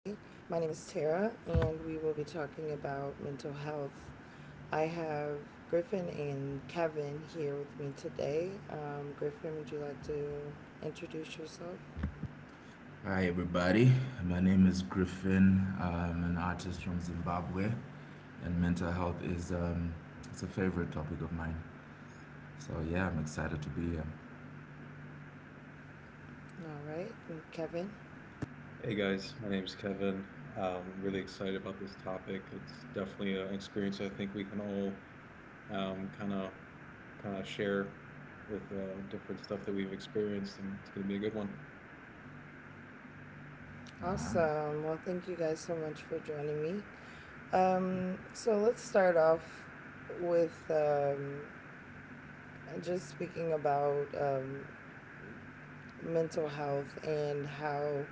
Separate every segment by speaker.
Speaker 1: My name is Tara, and we will be talking about mental health. I have Griffin and Kevin here with me today. Griffin, would you like to introduce yourself?
Speaker 2: Hi, everybody. My name is Griffin. I'm an artist from Zimbabwe, and mental health is it's a favorite topic of mine. So yeah, I'm excited to be here.
Speaker 1: All right, and Kevin.
Speaker 3: Hey guys, my name is Kevin. Really excited about this topic. It's definitely an experience I think we can all um, kind of kind of share with different stuff that we've experienced, and it's going to be a good one.
Speaker 2: Um,
Speaker 1: Awesome. Well, thank you guys so much for joining me. So let's start off with just speaking about mental health and how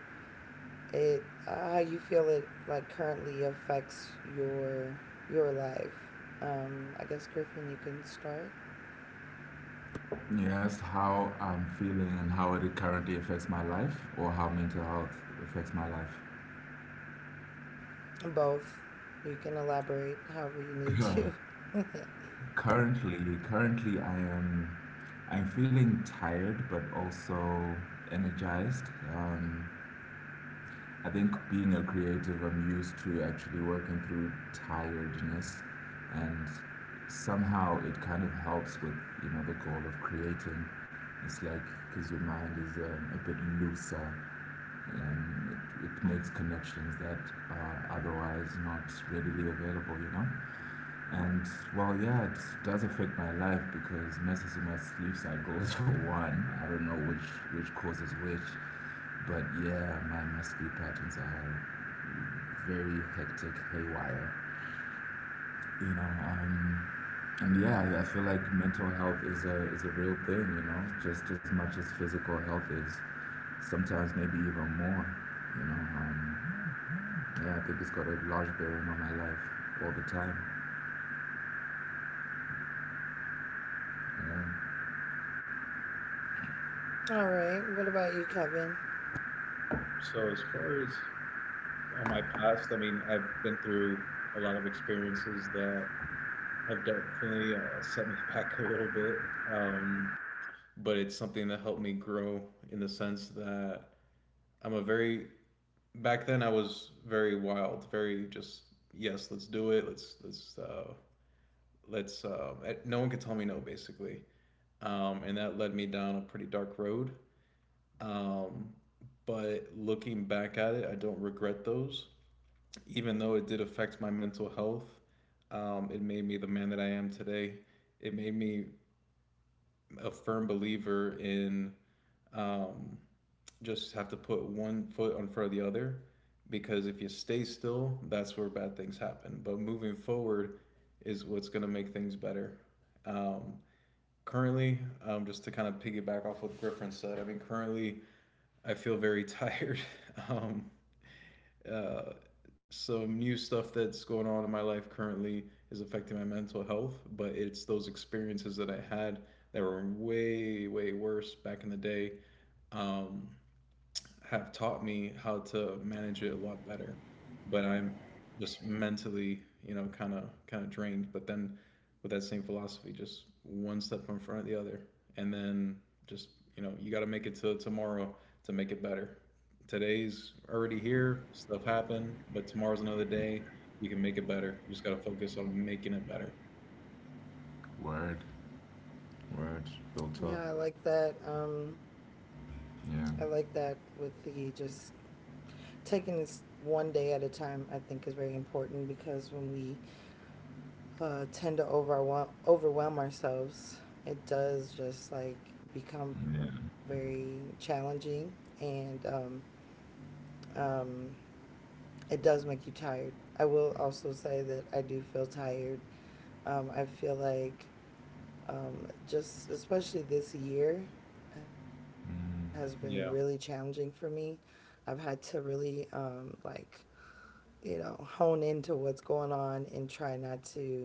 Speaker 1: it how you feel it like currently affects your life. I guess Griffin, you can start.
Speaker 2: You asked how I'm feeling and how it currently affects my life, or how mental health affects my life.
Speaker 1: Both, you can elaborate however you need
Speaker 2: Uh,
Speaker 1: to.
Speaker 2: currently, currently I am I'm feeling tired, but also energized. Um, I think being a creative, I'm used to actually working through tiredness, and somehow it kind of helps with you know the goal of creating. It's like because your mind is a bit looser, and it makes connections that are otherwise not readily available, you know. And well, yeah, it does affect my life because messes with my sleep cycles for one. I don't know which causes which, but yeah, my sleep patterns are very hectic, haywire. You know, and yeah, I feel like mental health is a real thing. You know, just as much as physical health is, sometimes maybe even more. You know, yeah, I think it's got a large bearing on my life all the time. Yeah.
Speaker 1: All right. What about you, Kevin?
Speaker 3: So as far as on my past, I mean, I've been through a lot of experiences that have definitely set me back a little bit, um, but it's something that helped me grow in the sense that I'm a very back then I was very wild, very just yes, let's do it. Let's let's no one could tell me no basically, and that led me down a pretty dark road. Um, but looking back at it, I don't regret those, even though it did affect my mental health. It made me the man that I am today. It made me a firm believer in um, just have to put one foot in front of the other, because if you stay still, that's where bad things happen. But moving forward is what's going to make things better. Um, currently, just to kind of piggyback off what Griffin said, I mean, currently I feel very tired. um, uh, some new stuff that's going on in my life currently is affecting my mental health, but it's those experiences that I had that were way, way worse back in the day um, have taught me how to manage it a lot better. But I'm just mentally, you know, kind of drained. But then with that same philosophy, just one step in front of the other, and then just you know, you got to make it to tomorrow to make it better. Today's already here, stuff happened, but tomorrow's another day. You can make it better. You just got to focus on making it better
Speaker 2: Word, word, real talk.
Speaker 1: Yeah, I like that. I like that
Speaker 2: Yeah,
Speaker 1: with the just taking this one day at a time. I think is very important because when we tend to overwhelm ourselves, it does just like become
Speaker 2: yeah,
Speaker 1: very challenging, and um, it does make you tired. I will also say that I do feel tired. I feel like just especially this year has been really challenging for me. I've had to really like hone into what's going on and try not to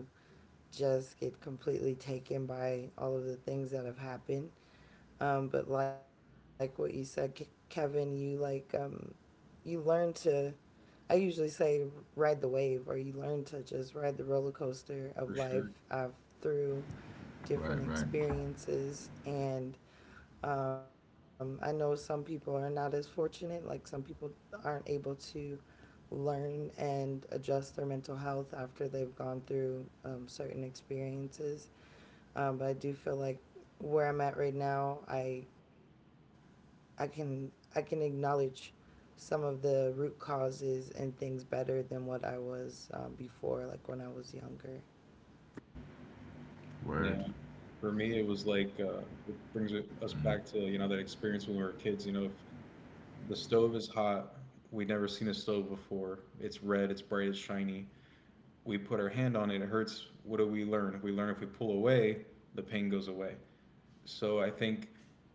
Speaker 1: just get completely taken by all of the things that have happened. But like what you said, Kevin, you learn to. I usually say ride the wave, or you learn to just ride the roller coaster of
Speaker 3: for
Speaker 1: life
Speaker 3: sure.
Speaker 1: through different
Speaker 2: right, right.
Speaker 1: experiences. And I know some people are not as fortunate. Like some people aren't able to learn and adjust their mental health after they've gone through certain experiences, but I do feel like where I'm at right now, I can I can acknowledge some of the root causes and things better than what I was before, like when I was younger.
Speaker 2: Word,
Speaker 3: Yeah, for me, it was like it brings us back to you know that experience when we were kids. You know, if the stove is hot. We'd never seen a stove before. It's red, it's bright, it's shiny. We put our hand on it, it hurts. What do we learn? We learn if we pull away, the pain goes away. So I think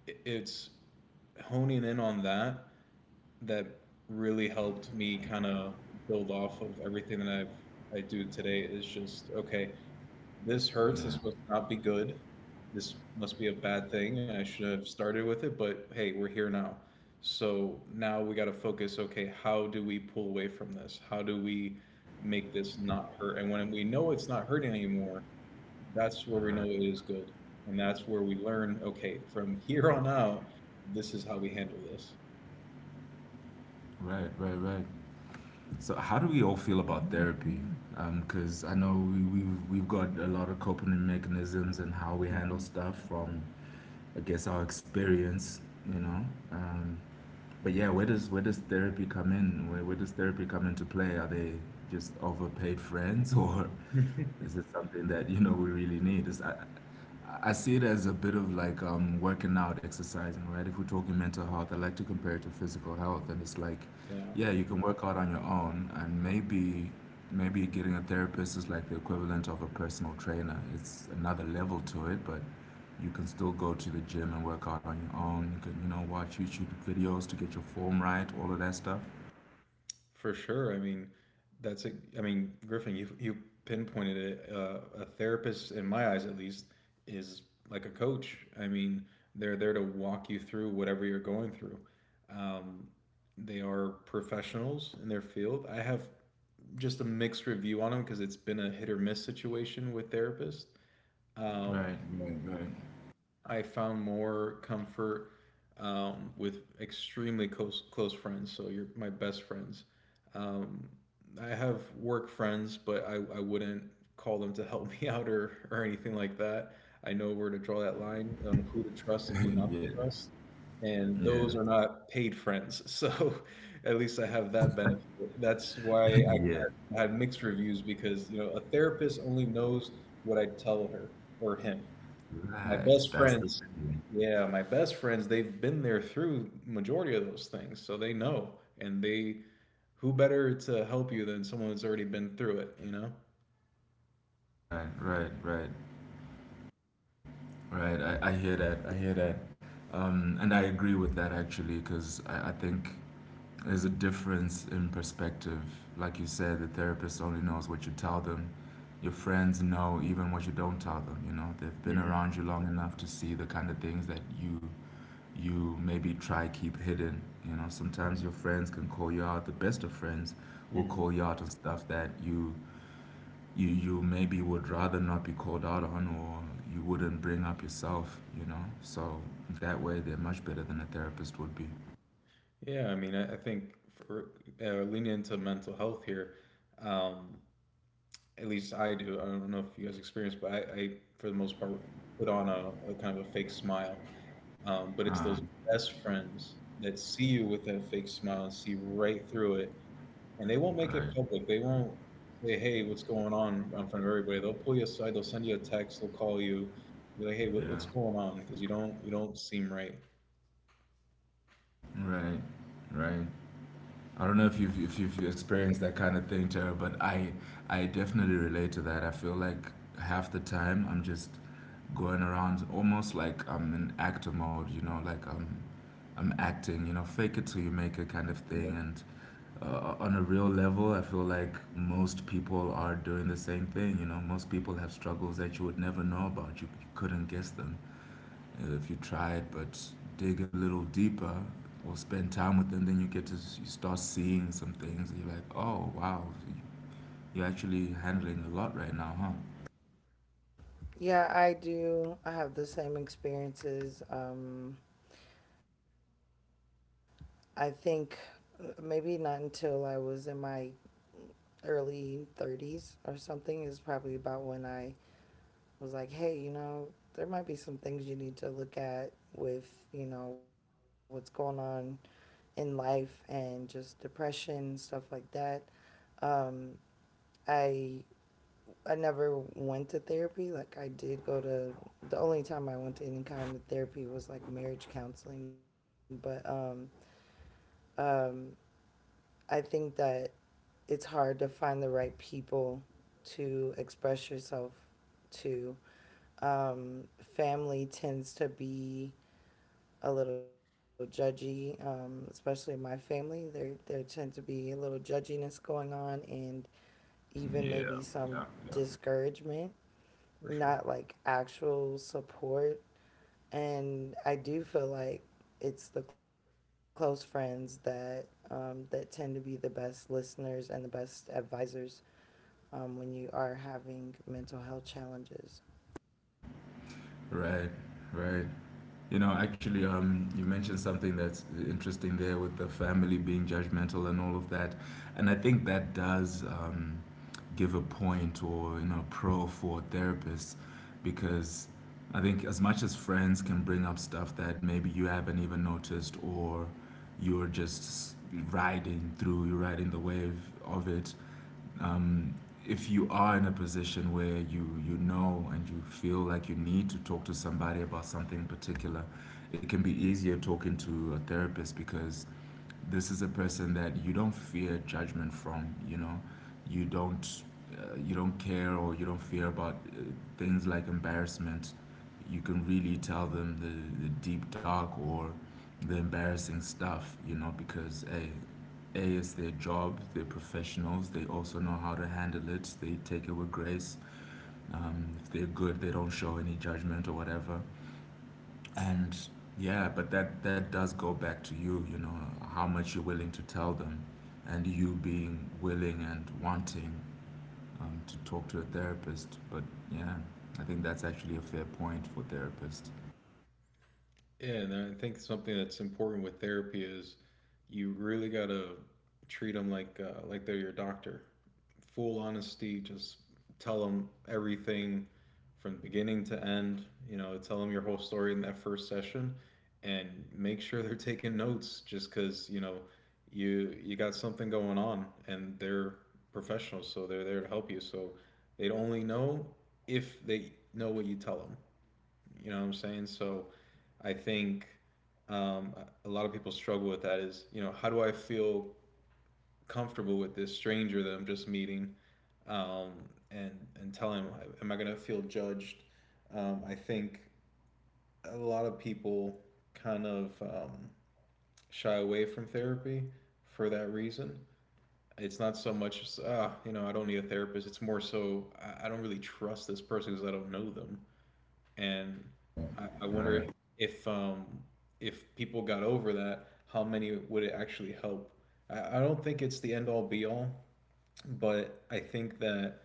Speaker 3: it's honing in on that really helped me kind of build off of everything that I do today is just okay, this hurts.
Speaker 2: yeah,
Speaker 3: This must not be good. This must be a bad thing. I should have started with it, but hey, we're here now. So now we got to focus okay, how do we pull away from this? How do we make this not hurt? And when we know it's not hurting anymore, that's where we know it is good. And that's where we learn okay, from here on out, this is how we handle this.
Speaker 2: right, right, right. So, how do we all feel about therapy? Because I know we've got a lot of coping mechanisms and how we handle
Speaker 3: Mm-hmm.
Speaker 2: stuff from, I guess, our experience. You know, um, but yeah, where does therapy come in? Where does therapy come into play? Are they just overpaid friends or this is something that you know we really need. I see it as a bit of like working out, exercising, right? If we're talking mental health, I like to compare it to physical health, and it's like,
Speaker 3: You know?
Speaker 2: yeah, you can work out on your own, and maybe getting a therapist is like the equivalent of a personal trainer. It's another level to it, but you can still go to the gym and work out on your own. You can you know watch YouTube videos to get your form right, all of that stuff.
Speaker 3: For sure. I mean, that's a. I mean, Griffin, you pinpointed it. A therapist, in my eyes at least, is like a coach. I mean, they're there to walk you through whatever you're going through. Um, they are professionals in their field. I have just a mixed review on them because it's been a hit or miss situation with therapists. Um,
Speaker 2: Right, right, right.
Speaker 3: I found more comfort with extremely close friends. So you're my best friends. Um, I have work friends, but I wouldn't call them to help me out or anything like that. I know where to draw that line on who to trust and who not
Speaker 2: Yeah,
Speaker 3: to trust. And
Speaker 2: yeah,
Speaker 3: those are not paid friends. So at least I have that benefit. That's why I kind
Speaker 2: yeah.
Speaker 3: of had mixed reviews because, you know, a therapist only knows what I tell her or him. My
Speaker 2: Right,
Speaker 3: best
Speaker 2: that's the
Speaker 3: friends,
Speaker 2: thing.
Speaker 3: yeah, my best friends, they've been there through majority of those things, so they know. And they, who better to help you than someone that's already been through it, you know?
Speaker 2: Right, right, right, right. I hear that. I hear that. And I agree with that actually, because I think there's a difference in perspective. Like you said, the therapist only knows what you tell them. Your friends know even what you don't tell them, you know. They've been
Speaker 3: Hmm.
Speaker 2: around you long enough to see the kind of things that you maybe try keep hidden. You know, sometimes your friends can call you out. The best of friends will
Speaker 3: Hmm.
Speaker 2: call you out on stuff that you maybe would rather not be called out on or you wouldn't bring up yourself you know so that way they're much better than a therapist would be
Speaker 3: Yeah, I mean, I think for leaning into mental health here, um, at least I do. I don't know if you guys experience, but I for the most part, put on a kind of a fake smile. But it's those best friends that see you with that fake smile and see right through it. And they won't make it
Speaker 2: right
Speaker 3: public. They won't say, "Hey, what's going on?" in front of everybody. They'll pull you aside. They'll send you a text. They'll call you. Be like, "Hey,
Speaker 2: yeah
Speaker 3: what's going on?" Because you don't seem right.
Speaker 2: right right I don't know if you've experienced that kind of thing tara but i definitely relate to that I feel like half the time I'm just going around almost like I'm in actor mode you know like i'm acting you know fake it till you make it kind of thing
Speaker 3: Yep,
Speaker 2: and on a real level, I feel like most people are doing the same thing. You know, most people have struggles that you would never know about. You couldn't guess them if you tried, but dig a little deeper or spend time with them, then you get to you start seeing some things. And you're like, oh wow, you're actually handling a lot right now, huh?
Speaker 1: Yeah, I do. I have the same experiences. I think maybe not until I was in my early 30s or something is probably about when I was like, hey, there might be some things you need to look at with, what's going on in life and just depression stuff like that. Um, I I never went to therapy. Like I did go to The only time I went to any kind of therapy was like marriage counseling. But um, I think that it's hard to find the right people to express yourself to. Um, Family tends to be a little judgy, especially my family. There tend to be a little judginess going on and even maybe
Speaker 2: Yeah.
Speaker 1: some discouragement,
Speaker 3: for sure.
Speaker 1: not like actual support. And I do feel like it's the close friends that tend to be the best listeners and the best advisors, when you are having mental health challenges.
Speaker 2: Right, right. You know, actually, you mentioned something that's interesting there with the family being judgmental and all of that, and I think that does give a point or you know pro for therapists because I think as much as friends can bring up stuff that maybe you haven't even noticed or you're just riding through, you're riding the wave of it, um, if you are in a position where you know and you feel like you need to talk to somebody about something particular, it can be easier talking to a therapist because this is a person that you don't fear judgment from you know you don't you don't care or you don't fear about things like embarrassment you can really tell them the deep dark or the embarrassing stuff you know because a is their job they're professionals they also know how to handle it they take it with grace if they're good they don't show any judgment or whatever and yeah, but that does go back to you, you know, how much you're willing to tell them, and you being willing and wanting to talk to a therapist. But yeah, I think that's actually a fair point for therapists.
Speaker 3: Yeah, and I think something that's important with therapy is you really gotta treat them like they're your doctor. Full honesty, just tell them everything from beginning to end. You know, tell them your whole story in that first session, and make sure they're taking notes. Just because you know you got something going on, and they're professionals, so they're there to help you. So they'd only know if they know what you tell them. You know what I'm saying? So I think um, a lot of people struggle with that is, you know, how do I feel comfortable with this stranger that I'm just meeting um, and, and tell him, am I going to feel judged? I think a lot of people kind of shy away from therapy for that reason. It's not so much, as, ah, you know, I don't need a therapist. It's more so, I don't really trust this person because I don't know them. And I
Speaker 2: Right,
Speaker 3: wonder if um, if people got over that, how many would it actually help? I don't think it's the end all be all, but I think that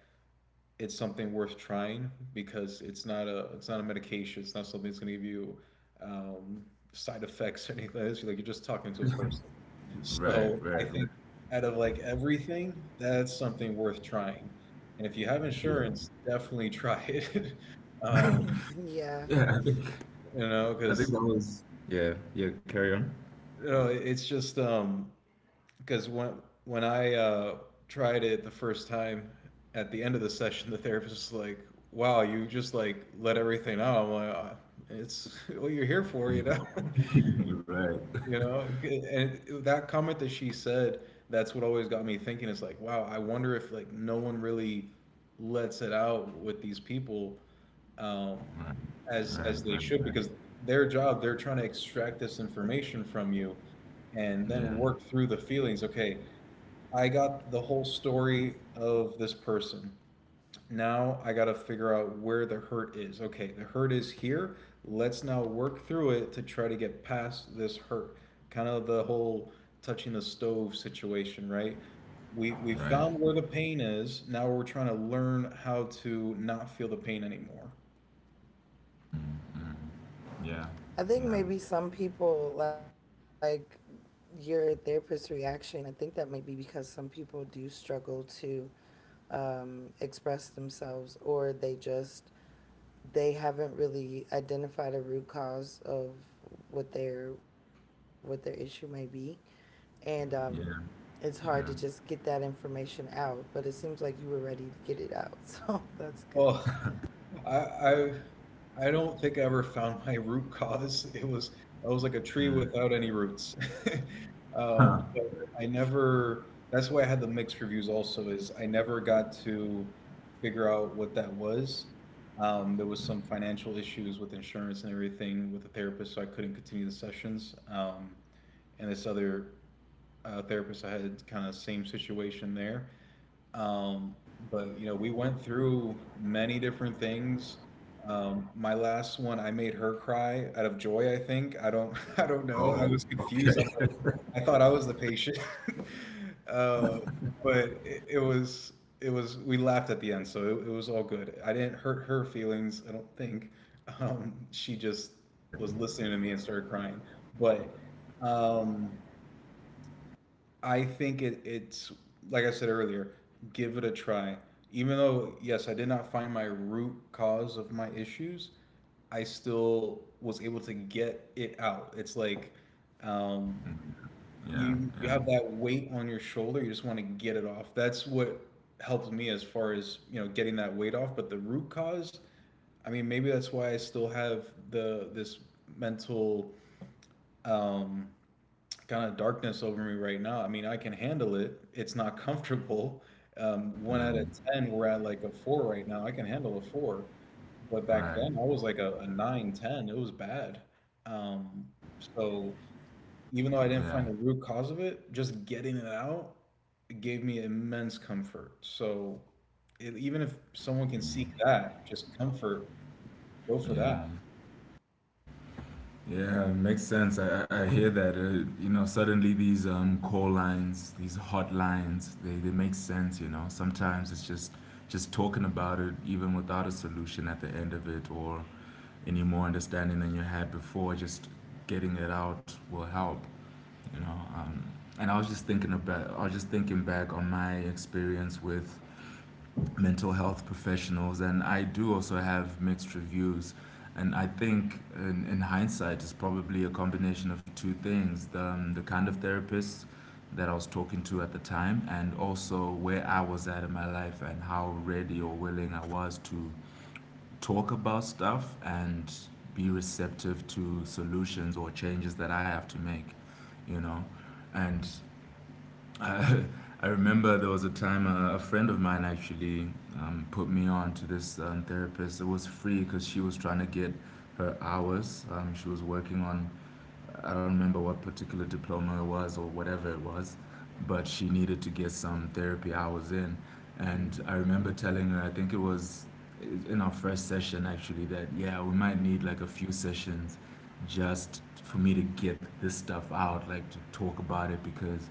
Speaker 3: it's something worth trying because it's not a medication. It's not something that's going to give you um, side effects or anything. It's like you're just talking to a person.
Speaker 2: right,
Speaker 3: So I
Speaker 2: right, right.
Speaker 3: think out of like everything, that's something worth trying. And if you have
Speaker 2: Yeah,
Speaker 3: insurance, definitely try it. Um,
Speaker 1: Yeah,
Speaker 2: yeah.
Speaker 3: you know,
Speaker 2: I think
Speaker 3: because
Speaker 2: that was yeah, yeah. Carry on.
Speaker 3: no, it's just because when I tried it the first time, at the end of the session, the therapist was like, "Wow, you just like let everything out." I'm like, "Ah, it's what you're here for, you know."
Speaker 2: right,
Speaker 3: You know, and that comment that she said, that's what always got me thinking. It's like, wow, I wonder if like no one really lets it out with these people um,
Speaker 2: right, right,
Speaker 3: as they
Speaker 2: right,
Speaker 3: should
Speaker 2: right.
Speaker 3: because their job they're trying to extract this information from you and then
Speaker 2: Yeah,
Speaker 3: work through the feelings. Okay, I got the whole story of this person, now I got to figure out where the hurt is. Okay, the hurt is here. Let's now work through it to try to get past this hurt. Kind of the whole touching the stove situation, right? We
Speaker 2: right.
Speaker 3: found where the pain is, now we're trying to learn how to not feel the pain anymore.
Speaker 2: Mm, mm. Yeah,
Speaker 1: I think
Speaker 2: yeah,
Speaker 1: maybe some people like your therapist's reaction. I think that may be because some people do struggle to express themselves, or they just they haven't really identified a root cause of what their issue may be, and
Speaker 2: yeah,
Speaker 1: it's hard to
Speaker 2: yeah.
Speaker 1: just get that information out. But it seems like you were ready to get it out, so that's good.
Speaker 3: Well, I, I I don't think I ever found my root cause. It was I was like a tree without any roots. But I never. That's why I had the mixed reviews. Also, is I never got to figure out what that was. There was some financial issues with insurance and everything with the therapist, so I couldn't continue the sessions. And this other therapist, I had kind of same situation there. Um, but you know, we went through many different things. My last one, I made her cry out of joy, I think. I don't, I don't know. I
Speaker 2: Oh,
Speaker 3: was confused.
Speaker 2: okay.
Speaker 3: I'm like, I thought I was the patient. Uh, but it was, we laughed at the end, so it was all good. I didn't hurt her feelings, I don't think. She just was listening to me and started crying. But um, I think it's like I said earlier, give it a try. Even though yes, I did not find my root cause of my issues, I still was able to get it out. It's like um,
Speaker 2: Yeah,
Speaker 3: you you
Speaker 2: yeah,
Speaker 3: have that weight on your shoulder, you just want to get it off. That's what helped me as far as you know getting that weight off. But the root cause, I mean, maybe that's why I still have the this mental um, kind of darkness over me right now. I mean, I can handle it. It's not comfortable. One out of
Speaker 2: um,
Speaker 3: ten, we're at like a 4 right now. I can handle a 4, but back
Speaker 2: right.
Speaker 3: then I was like a 9, 10. It was bad. Um, so even though I didn't
Speaker 2: Yeah,
Speaker 3: find the root cause of it, just getting it out gave me immense comfort. So it, even if someone can seek that, just comfort, go for that.
Speaker 2: yeah, yeah. Makes sense. I I hear that. You know, suddenly these call lines, these hotlines, they make sense. You know, sometimes it's just talking about it, even without a solution at the end of it, or any more understanding than you had before. Just getting it out will help. You know, and I was just thinking about. I was just thinking back on my experience with mental health professionals, and I do also have mixed reviews. And I think, in hindsight, it's probably a combination of two things: the kind of therapist that I was talking to at the time, and also where I was at in my life and how ready or willing I was to talk about stuff and be receptive to solutions or changes that I have to make, you know. And I, I remember there was a time a friend of mine actually put me on to this therapist. It was free because she was trying to get her hours. She was working on I don't remember what particular diploma it was or whatever it was, but she needed to get some therapy hours in. And
Speaker 3: Mhm.
Speaker 2: I remember telling her, I think it was in our first session actually, that yeah, we might need like a few sessions just for me to get this stuff out, like to talk about it because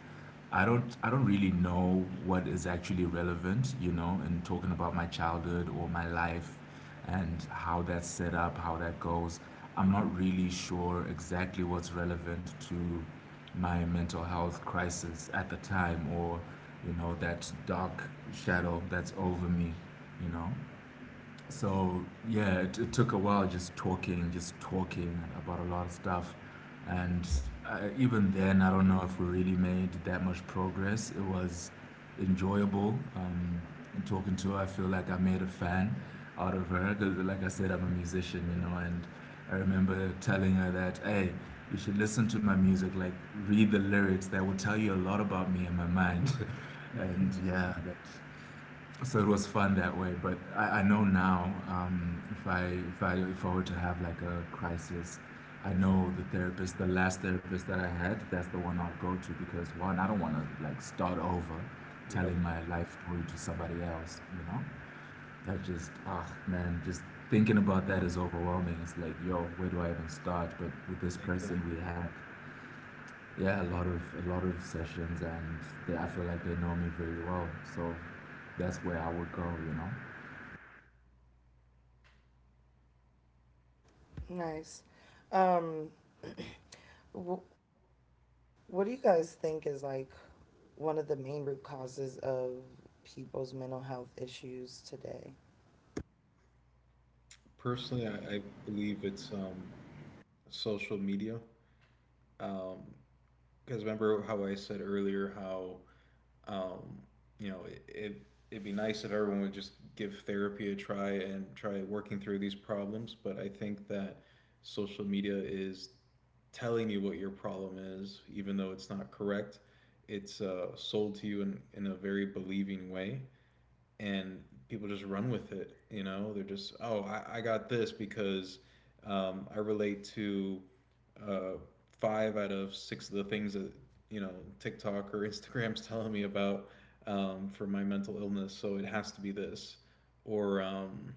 Speaker 2: I don't really know what is actually relevant, you know, in talking about my childhood or my life and how that's set up, how that goes. I'm not really sure exactly what's relevant to my mental health crisis at the time or, you know, that dark shadow that's over me, you know? So yeah, it took a while just talking about a lot of stuff, and even then, I don't know if we really made that much progress. It was enjoyable talking to her. I feel like I made a fan out of her because, like I said, I'm a musician, you know, and I remember telling her that, hey, you should listen to my music, like read the lyrics. That will tell you a lot about me and my mind. and yeah, that so it was fun that way, but I know now if I were to have like a crisis, I know the therapist, the last therapist that I had, that's the one I'll go to because one, I don't want to like start over,
Speaker 3: Yep,
Speaker 2: telling my life story to somebody else. You know, that just ah man, just thinking about that is overwhelming. It's like yo, where do I even start? But with this person,
Speaker 3: exactly.
Speaker 2: we had yeah a lot of sessions, and they, I feel like they know me very well, so that's where I would go. You know.
Speaker 1: Nice. Um, what do you guys think is like one of the main root causes of people's mental health issues today?
Speaker 3: Personally, I believe it's social media. Um, Because remember how I said earlier how um, you know it it'd be nice if everyone would just give therapy a try and try working through these problems. But I think that social media is telling you what your problem is, even though it's not correct. It's sold to you in a very believing way and people just run with it. You know, they're just, oh, I got this because I relate to uh, five out of six of the things that you know TikTok or Instagram's telling me about for my mental illness. So it has to be this, or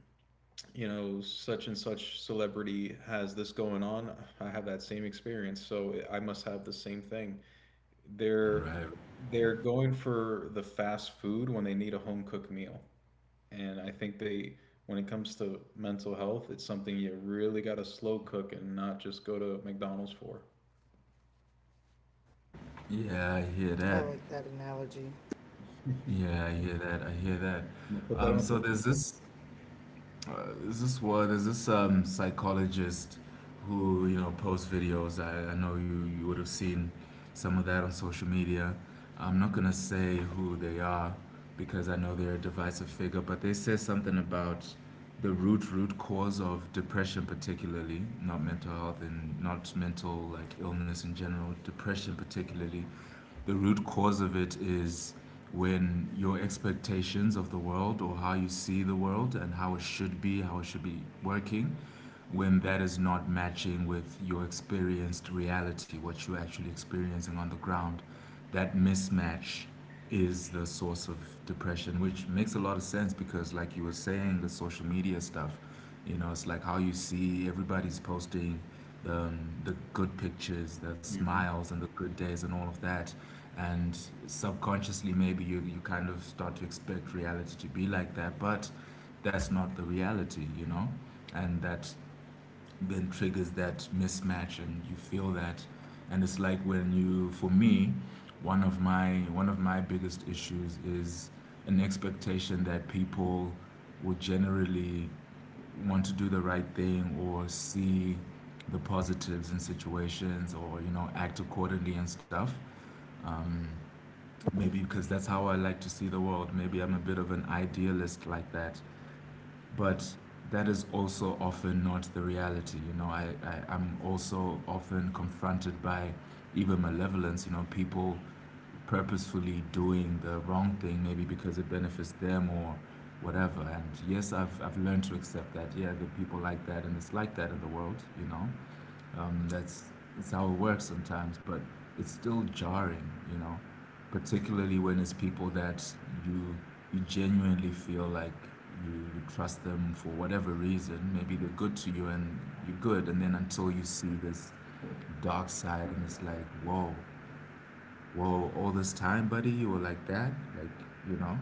Speaker 3: you know, such and such celebrity has this going on. I have that same experience, so I must have the same thing. They're
Speaker 2: Right.
Speaker 3: they're going for the fast food when they need a home cooked meal, and I think they when it comes to mental health, it's something you really got to slow cook and not just go to McDonald's for.
Speaker 1: I like that
Speaker 2: Yeah, I hear
Speaker 1: analogy.
Speaker 2: that.
Speaker 3: I'm
Speaker 2: Yeah, I hear that. I hear that.
Speaker 3: gonna put that on a
Speaker 2: So
Speaker 3: bumper sticker.
Speaker 2: uh, there's this word, there's this psychologist who, you know, posts videos. I know you would have seen some of that on social media. I'm not gonna say who they are because I know they're a divisive figure, but they say something about the root cause of depression, particularly, not mental health and not mental like illness in general, depression particularly. The root cause of it is when your expectations of the world or how you see the world and how it should be, how it should be working, when that is not matching with your experienced reality, what you're actually experiencing on the ground, that mismatch is the source of depression, which makes a lot of sense because, like you were saying, the social media stuff, you know, it's like how you see everybody's posting um, the good pictures, the
Speaker 3: Hmm.
Speaker 2: smiles, and the good days, and all of that. And subconsciously, maybe you kind of start to expect reality to be like that, but that's not the reality, you know? And that then triggers that mismatch and you feel that and it's like when you for me one of my biggest issues is an expectation that people would generally want to do the right thing or see the positives in situations or, you know, act accordingly and stuff, um, maybe because that's how I like to see the world, maybe I'm a bit of an idealist like that, but that is also often not the reality. You know, I'm also often confronted by even malevolence, you know, people purposefully doing the wrong thing, maybe because it benefits them or whatever. And yes, I've learned to accept that. Yeah, there are people like that, and it's like that in the world, you know. Um, that's, that's how it works sometimes, but it's still jarring, you know, particularly when it's people that you you genuinely feel like you trust them for whatever reason. Maybe they're good to you and you're good, and then until you see this dark side, and it's like, whoa, whoa, all this time, buddy, you were like that, like you know,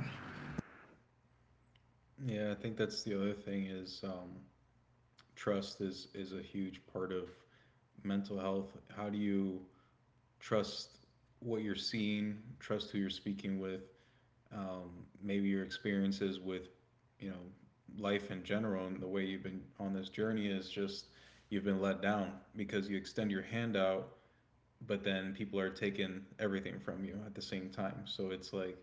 Speaker 3: Yeah, I think that's the other thing is trust is a huge part of mental health. How do you trust what you're seeing? Trust who you're speaking with. Maybe your experiences with you know life in general and the way you've been on this journey is just you've been let down because you extend your hand out, but then people are taking everything from you at the same time, so it's like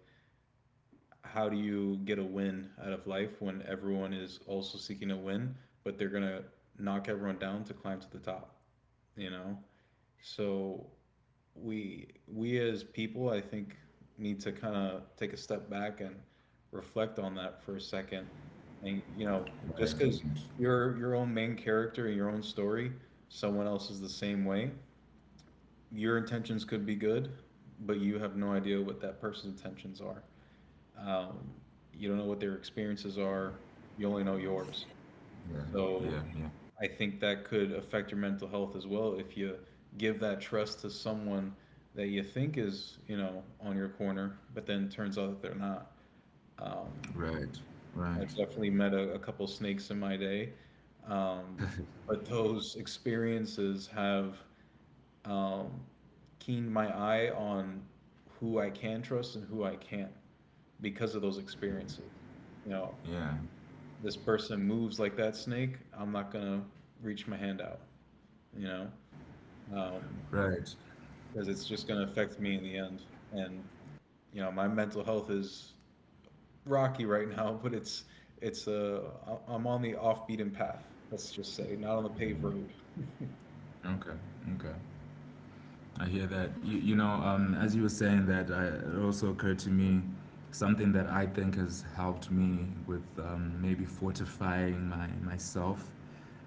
Speaker 3: how do you get a win out of life when everyone is also seeking a win, but they're gonna knock everyone down to climb to the top, you know? So we as people I think need to kind of take a step back and reflect on that for a second. And you know,
Speaker 2: right?
Speaker 3: just because you're your own main character in your own story, someone else is the same way. Your intentions could be good, but you have no idea what that person's intentions are. um, you don't know what their experiences are, you only know yours.
Speaker 2: Yeah,
Speaker 3: So
Speaker 2: yeah, yeah,
Speaker 3: I think that could affect your mental health as well if you give that trust to someone that you think is, you know, on your corner, but then turns out that they're not. Um,
Speaker 2: right,
Speaker 3: I've
Speaker 2: right,
Speaker 3: definitely met a couple snakes in my day, um, but those experiences have um, keened my eye on who I can trust and who I can't because of those experiences. You know,
Speaker 2: yeah,
Speaker 3: this person moves like that snake, I'm not gonna reach my hand out, you know? um,
Speaker 2: right.
Speaker 3: because it's just going to affect me in the end. And you know, my mental health is rocky right now, but it's I'm on the off beaten path. Let's just say, not on the paved road.
Speaker 2: Okay, okay. I hear that. You know, as you were saying that, I, it also occurred to me something that I think has helped me with, maybe fortifying my myself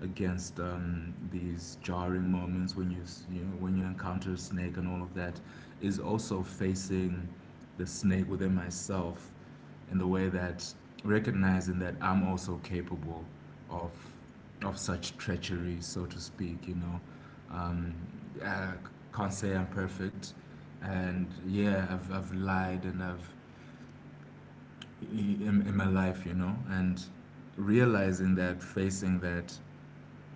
Speaker 2: against, these jarring moments when you know, when you encounter a snake and all of that, is also facing the snake within myself in the way that recognizing that I'm also capable of of such treachery, so to speak. You know, um, I can't say I'm perfect, and yeah, I've lied and I've, in my life, you know, and realizing that, facing that,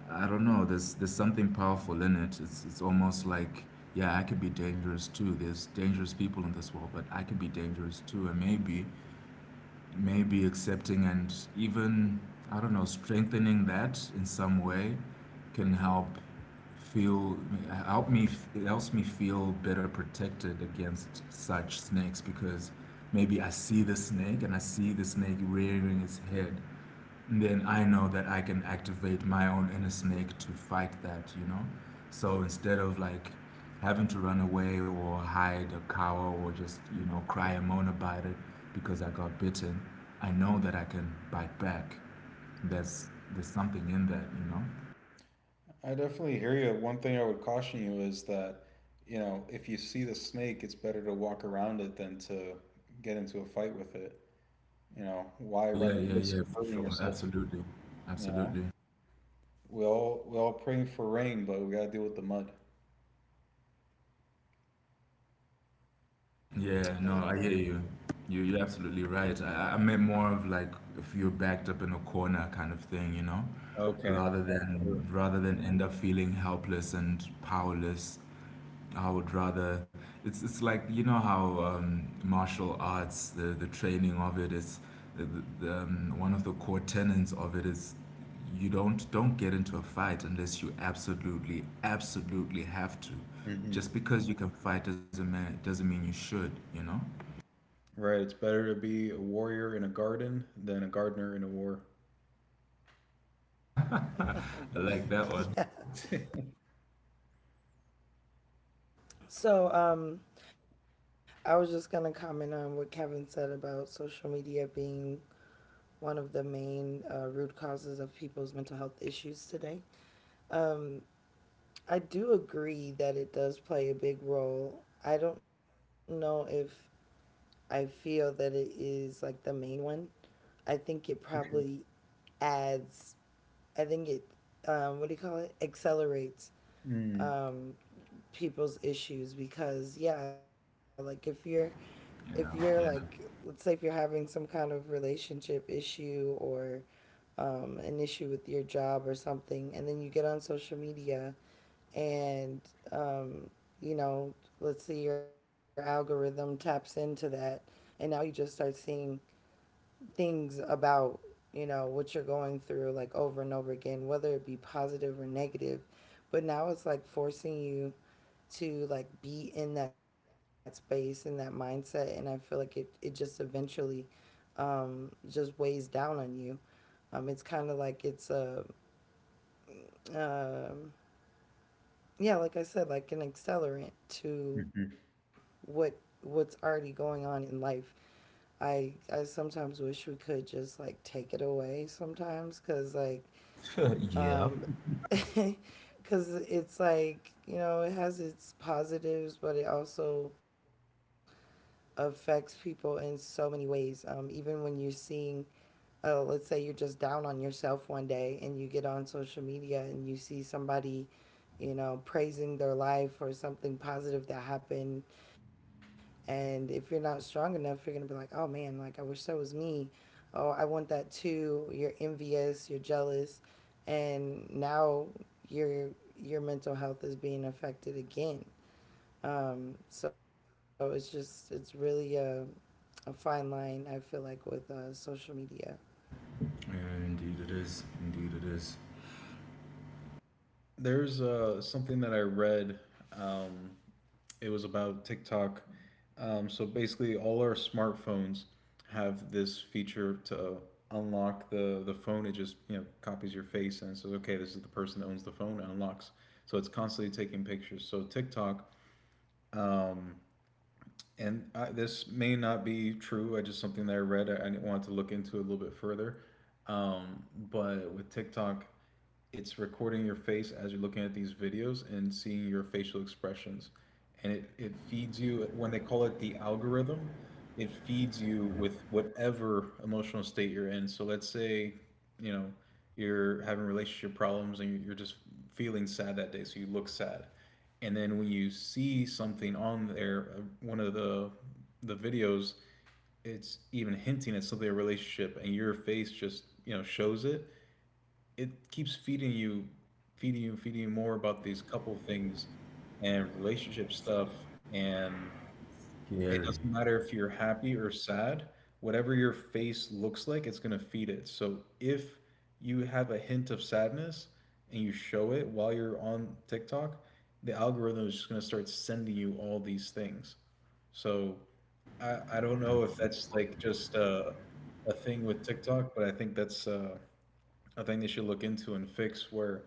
Speaker 2: I don't know. There's something powerful in it. It's almost like yeah, I could be dangerous too. There's dangerous people in this world, but I could be dangerous too, and maybe maybe accepting and even I don't know strengthening that in some way can feel help me it helps me feel better protected against such snakes because maybe I see the snake and I see the snake rearing its head, then I know that I can activate my own inner snake to fight that, you know? So instead of like having to run away or hide or cower or just, you know, cry and moan about it because I got bitten, I know that I can bite back. There's there's something in that, you know?
Speaker 3: I definitely hear you. One thing I would caution you is that, you know, if you see the snake, it's better to walk around it than to get into a fight with it. You know, why
Speaker 2: Oh yeah,
Speaker 3: run the
Speaker 2: yeah,
Speaker 3: risk
Speaker 2: yeah,
Speaker 3: of
Speaker 2: for
Speaker 3: hurting
Speaker 2: sure.
Speaker 3: yourself?
Speaker 2: Absolutely.
Speaker 3: You know,
Speaker 2: Absolutely.
Speaker 3: we all praying for rain, but we gotta deal with the mud.
Speaker 1: I like that.
Speaker 2: Yeah, no, I hear you. You you're absolutely right. I meant more of like if you're backed up in a corner kind of thing, you know,
Speaker 3: Okay. Sure.
Speaker 2: rather than end up feeling helpless and powerless, I would rather. It's like, you know how, martial arts, the training of it is, the, one of the core tenets of it is, you don't get into a fight unless you absolutely have to.
Speaker 3: Hmm.
Speaker 2: Just because you can fight doesn't mean you should. You know.
Speaker 3: Right. It's better to be a warrior in a garden than a gardener in a war.
Speaker 2: I like that
Speaker 1: Yeah.
Speaker 2: one.
Speaker 1: So, I was just going to comment on what Kevin said about social media being one of the main root causes of people's mental health issues today. Um, I do agree that it does play a big role. I don't know if I feel that it is like the main one. I think it probably adds. I think it, what do you call it, accelerates
Speaker 3: Mm.
Speaker 1: um, people's issues because yeah, like if you're like
Speaker 2: Yeah.
Speaker 1: let's say if you're having some kind of relationship issue or an issue with your job or something, and then you get on social media and um, you know let's say your algorithm taps into that, and now you just start seeing things about what you're going through like over and over again, whether it be positive or negative, but now it's like forcing you to like be in that space and that mindset. And I feel like it just eventually just weighs down on you. It's kind of like it's a um yeah, like I said, like an accelerant to
Speaker 3: Mhm.
Speaker 1: what what's already going on in life. I sometimes wish we could just like take it away sometimes because like
Speaker 2: Yeah. yeah.
Speaker 1: Um, because it's like it has its positives but it also affects people in so many ways, even when you're seeing let's say you're just down on yourself one day and you get on social media and you see somebody praising their life or something positive that happened. And if you're not strong enough, you're going to be like, oh man, like I wish that was me. Oh, I want that too. You're envious, you're jealous. And now your your mental health is being affected again. So it's just it's really a fine line I feel like with social media.
Speaker 2: Yeah, indeed it is. Indeed it is.
Speaker 3: There's something that I read. Um, it was about TikTok. So basically, all our smartphones have this feature to unlock the phone. It just you know copies your face and it says, okay, this is the person that owns the phone. It unlocks. So it's constantly taking pictures. So TikTok um, and I, this may not be true. I just something that I read. I wanted to look into it a little bit further. Um, but with TikTok, it's recording your face as you're looking at these videos and seeing your facial expressions. And it feeds you, when they call it the algorithm, it feeds you with whatever emotional state you're in. So let's say, you know, you're having relationship problems and you're just feeling sad that day, so you look sad. And then when you see something on there, one of the videos, it's even hinting at something a relationship, and your face just you know shows it, it keeps feeding you, feeding you, feeding you more about these couple things and relationship stuff. And it
Speaker 2: Scary.
Speaker 3: doesn't matter if you're happy or sad, whatever your face looks like, it's going to feed it. So if you have a hint of sadness and you show it while you're on TikTok, the algorithm is just going to start sending you all these things. So I don't know if that's like just a thing with TikTok, but I think that's I think they should look into and fix where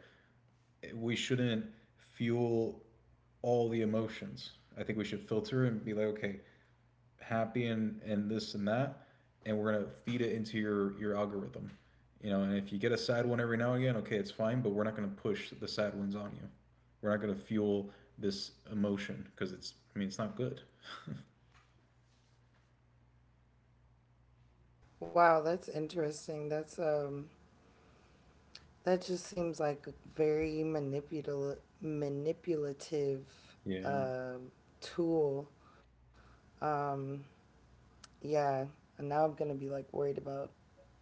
Speaker 3: we shouldn't fuel all the emotions. I think we should filter and be like, okay, happy and this and that, and we're gonna feed it into your algorithm. You know, and if you get a sad one every now and again, okay, it's fine, but we're not gonna push the sad ones on you. We're not gonna fuel this emotion because it's I mean it's not good.
Speaker 1: Wow, that's interesting. That just seems like a very manipulative
Speaker 3: Yeah.
Speaker 1: uh, tool. um, Yeah, and now I'm gonna be like worried about,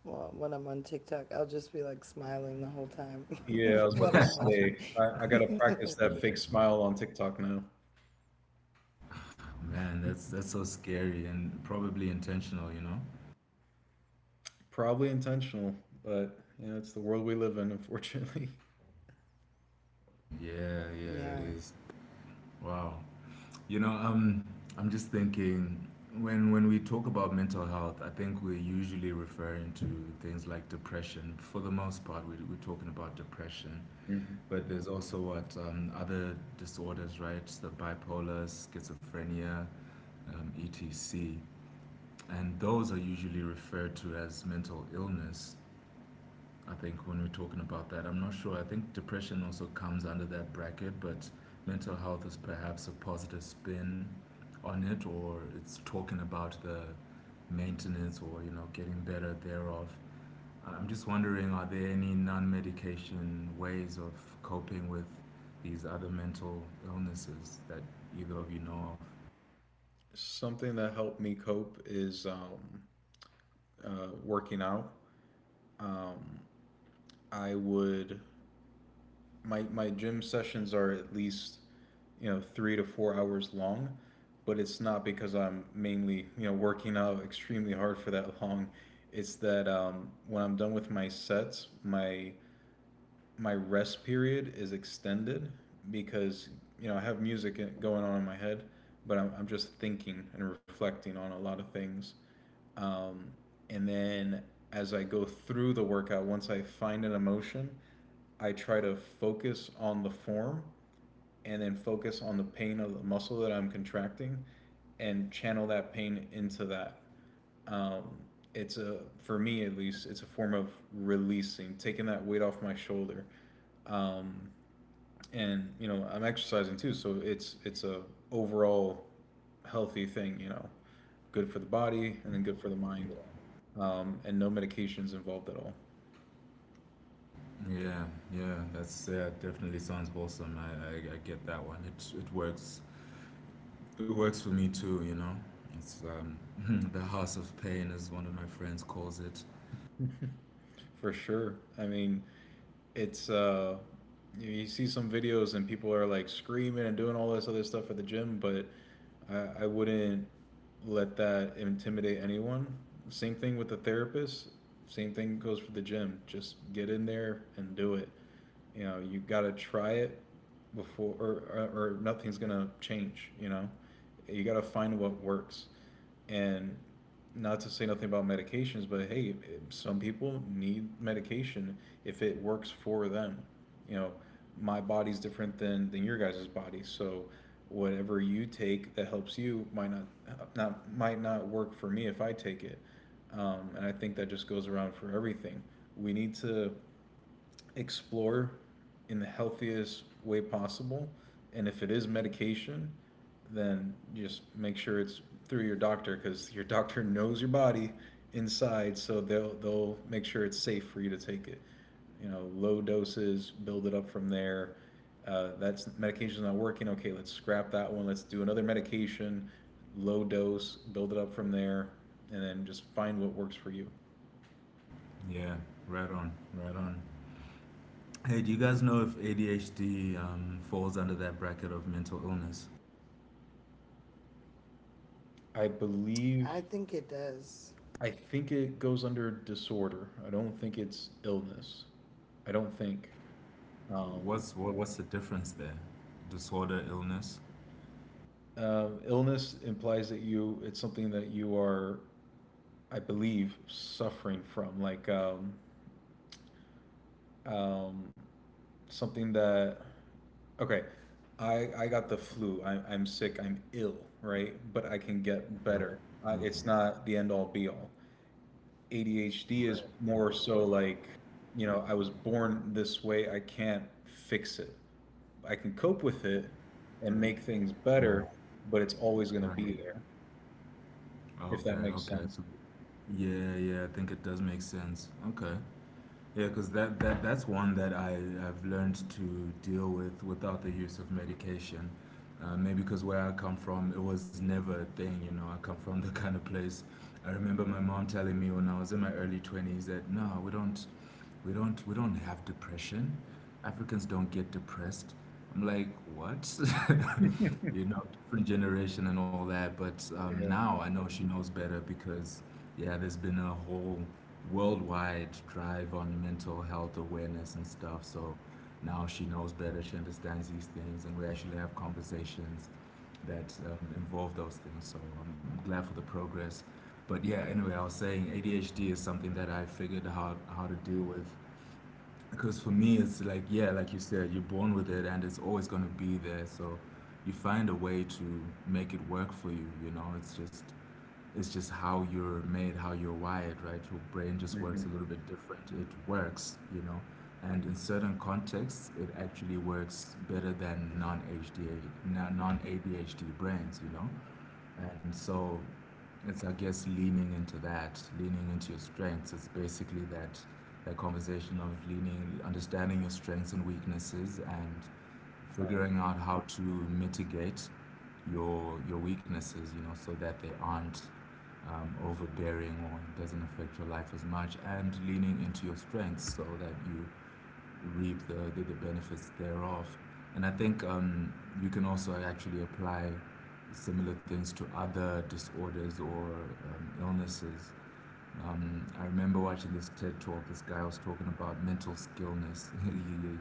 Speaker 1: well, when I'm on TikTok. I'll just be like smiling the whole time
Speaker 3: Yeah, I was
Speaker 1: when
Speaker 3: about
Speaker 1: I'm
Speaker 3: to
Speaker 1: watching.
Speaker 3: say I gotta practice that fake smile on TikTok now.
Speaker 2: Man, that's so scary and probably intentional, you know?
Speaker 3: Probably intentional, but you know, it's the world we live in, unfortunately.
Speaker 2: Yeah, yeah, it
Speaker 1: Yeah,
Speaker 2: is. Wow. You know, I'm just thinking when we talk about mental health, I think we're usually referring to things like depression. For the most part, we're talking about depression,
Speaker 3: Hmm.
Speaker 2: but there's also what, other disorders, right? The bipolar, schizophrenia, etc. And those are usually referred to as mental illness. I think when we're talking about that, I'm not sure. I think depression also comes under that bracket, but mental health is perhaps a positive spin on it, or it's talking about the maintenance or, you know, getting better thereof. I'm just wondering, are there any non-medication ways of coping with these other mental illnesses that either of you know of?
Speaker 3: Something that helped me cope is working out. Um, I would my gym sessions are at least you know 3 to 4 hours long, but it's not because I'm mainly you know working out extremely hard for that long. It's that when I'm done with my sets, my rest period is extended because you know I have music going on in my head, but I'm just thinking and reflecting on a lot of things. Um, and then as I go through the workout, once I find an emotion, I try to focus on the form and then focus on the pain of the muscle that I'm contracting and channel that pain into that um, it's a for me at least it's a form of releasing taking that weight off my shoulder. um, and you know I'm exercising too, so it's a overall healthy thing, you know, good for the body and then good for the mind. And no medications involved at all.
Speaker 2: Yeah, yeah, that's yeah, definitely sounds awesome. I get that one. It works for me too, you know. It's, the house of pain, as one of my friends calls it.
Speaker 3: For sure. I mean it's you, see some videos and people are like screaming and doing all this other stuff at the gym, but I wouldn't let that intimidate anyone. Same thing with the therapist. Same thing goes for the gym. Just get in there and do it. You know, you gotta try it before, or nothing's gonna change. You know, you gotta find what works, and not to say nothing about medications, but hey, some people need medication if it works for them. You know, my body's different than your guys' body, so whatever you take that helps you might not might not work for me if I take it. And I think that just goes around for everything. We need to explore in the healthiest way possible. And if it is medication, then just make sure it's through your doctor because your doctor knows your body inside, so they'll make sure it's safe for you to take it. You know, low doses, build it up from there. That's medication's not working. Okay, let's scrap that one. Let's do another medication, low dose, build it up from there, and then just find what works for you.
Speaker 2: Yeah, right on, right on. Hey, do you guys know if ADHD falls under that bracket of mental illness?
Speaker 3: I believe
Speaker 1: I think it does.
Speaker 3: I think it goes under disorder. I don't think it's illness. I don't think. Um,
Speaker 2: What's what's the difference there? Disorder, illness.
Speaker 3: illness implies that you it's something that you are, I believe, suffering from, like um, something that. Okay, I got the flu. I'm sick. I'm ill, right? But I can get
Speaker 2: Right,
Speaker 3: better. I,
Speaker 2: mm,
Speaker 3: it's not the end all be all. ADHD
Speaker 2: right,
Speaker 3: is more
Speaker 2: right,
Speaker 3: so like you know, I was born this way, I can't fix it. I can cope with it and make things better, but it's always going to
Speaker 2: right.
Speaker 3: be there,
Speaker 2: Right.
Speaker 3: if
Speaker 2: Okay,
Speaker 3: that makes
Speaker 2: okay.
Speaker 3: sense.
Speaker 2: So, yeah, yeah. I think it does make sense. Okay. Yeah, because that's one that I have learned to deal with without the use of medication. Maybe because where I come from, it was never a thing. You know, I come from the kind of place. I remember my mom telling me when I was in my early 20s that no, we don't have depression. Africans don't get depressed. I'm like, what? You know, different generation and all that. But
Speaker 3: Yeah.
Speaker 2: now I know she knows better because, yeah, there's been a whole worldwide drive on mental health awareness and stuff. So now she knows better. She understands these things, and we actually have conversations that, involve those things. So I'm glad for the progress. But yeah, anyway, I was saying ADHD is something that I figured out how to deal with because for me it's like yeah, like you said, you're born with it and it's always going to be there, so you find a way to make it work for you, you know. It's just how you're made, how you're wired, right? Your brain just works
Speaker 3: Mm-hmm.
Speaker 2: a little bit different. It works, you know, and in certain contexts, it actually works better than non ADHD brains, you know, and so it's I guess leaning into that, leaning into your strengths. It's basically that that conversation of leaning, understanding your strengths and weaknesses, and
Speaker 3: All right.
Speaker 2: figuring out how to mitigate your weaknesses, you know, so that they aren't, overbearing or it doesn't affect your life as much, and leaning into your strengths so that you reap the benefits thereof. And I think, you can also actually apply similar things to other disorders or, illnesses. I remember watching this TED talk. This guy was talking about mental skillness.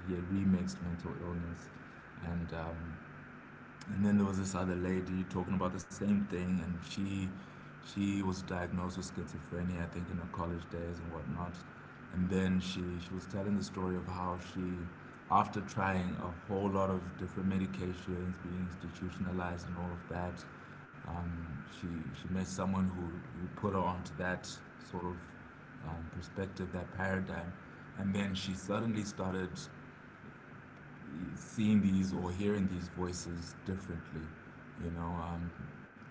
Speaker 2: he had remixed mental illness, and, and then there was this other lady talking about the same thing, and she was diagnosed with schizophrenia, I think, in her college days and whatnot, and then she was telling the story of how she after trying a whole lot of different medications, being institutionalized and all of that, um, she she met someone who put her onto that sort of, perspective, that paradigm, and then she suddenly started seeing these or hearing these voices differently, you know,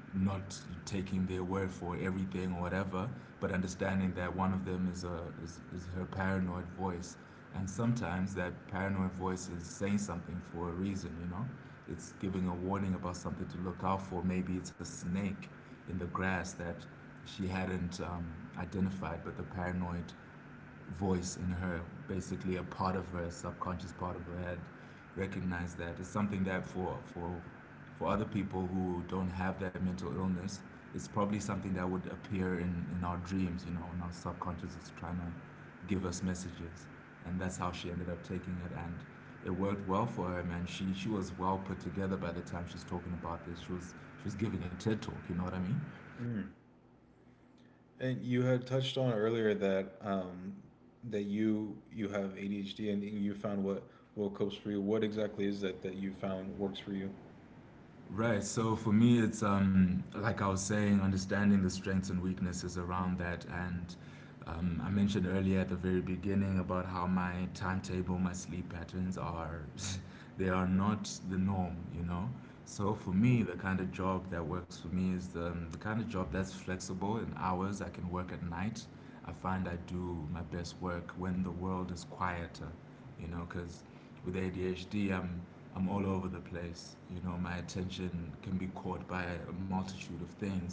Speaker 2: not taking their word for everything or whatever, but understanding that one of them is is her paranoid voice, and sometimes that paranoid voice is saying something for a reason, you know, it's giving a warning about something to look out for. Maybe it's a snake in the grass that she hadn't, identified, but the paranoid voice in her, basically a part of her, subconscious part of her had recognized that. It's something that for other people who don't have that mental illness, it's probably something that would appear in our dreams, you know, when our subconscious is trying to give us messages. And that's how she ended up taking it, and it worked well for her, man. She was well put together by the time she's talking about this. She was giving a TED talk, you know what I mean?
Speaker 3: Mm. And you had touched on earlier that that you have ADHD and you found what copes for you. What exactly is that that you found works for you?
Speaker 2: Right. So for me, it's, like I was saying, understanding the strengths and weaknesses around that. And, I mentioned earlier at the very beginning about how my timetable, my sleep patterns are, they are not the norm, you know. So for me, the kind of job that works for me is the kind of job that's flexible in hours. I can work at night. I find I do my best work when the world is quieter, you know, because with ADHD, I'm all over the place. You know, my attention can be caught by a multitude of things.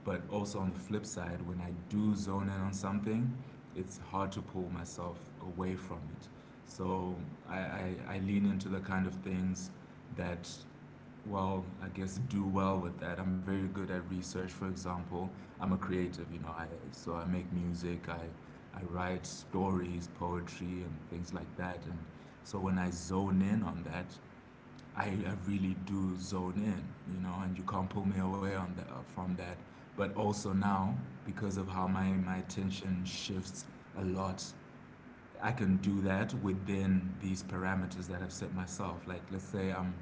Speaker 2: But also on the flip side, when I do zone in on something, it's hard to pull myself away from it. So I lean into the kind of things that well, I guess do well with that. I'm very good at research, for example. I'm a creative, you know. I so I make music, I write stories, poetry, and things like that. And so when I zone in on that, I really do zone in, you know. And you can't pull me away on that from that. But also now, because of how my attention shifts a lot, I can do that within these parameters that I've set myself. Like,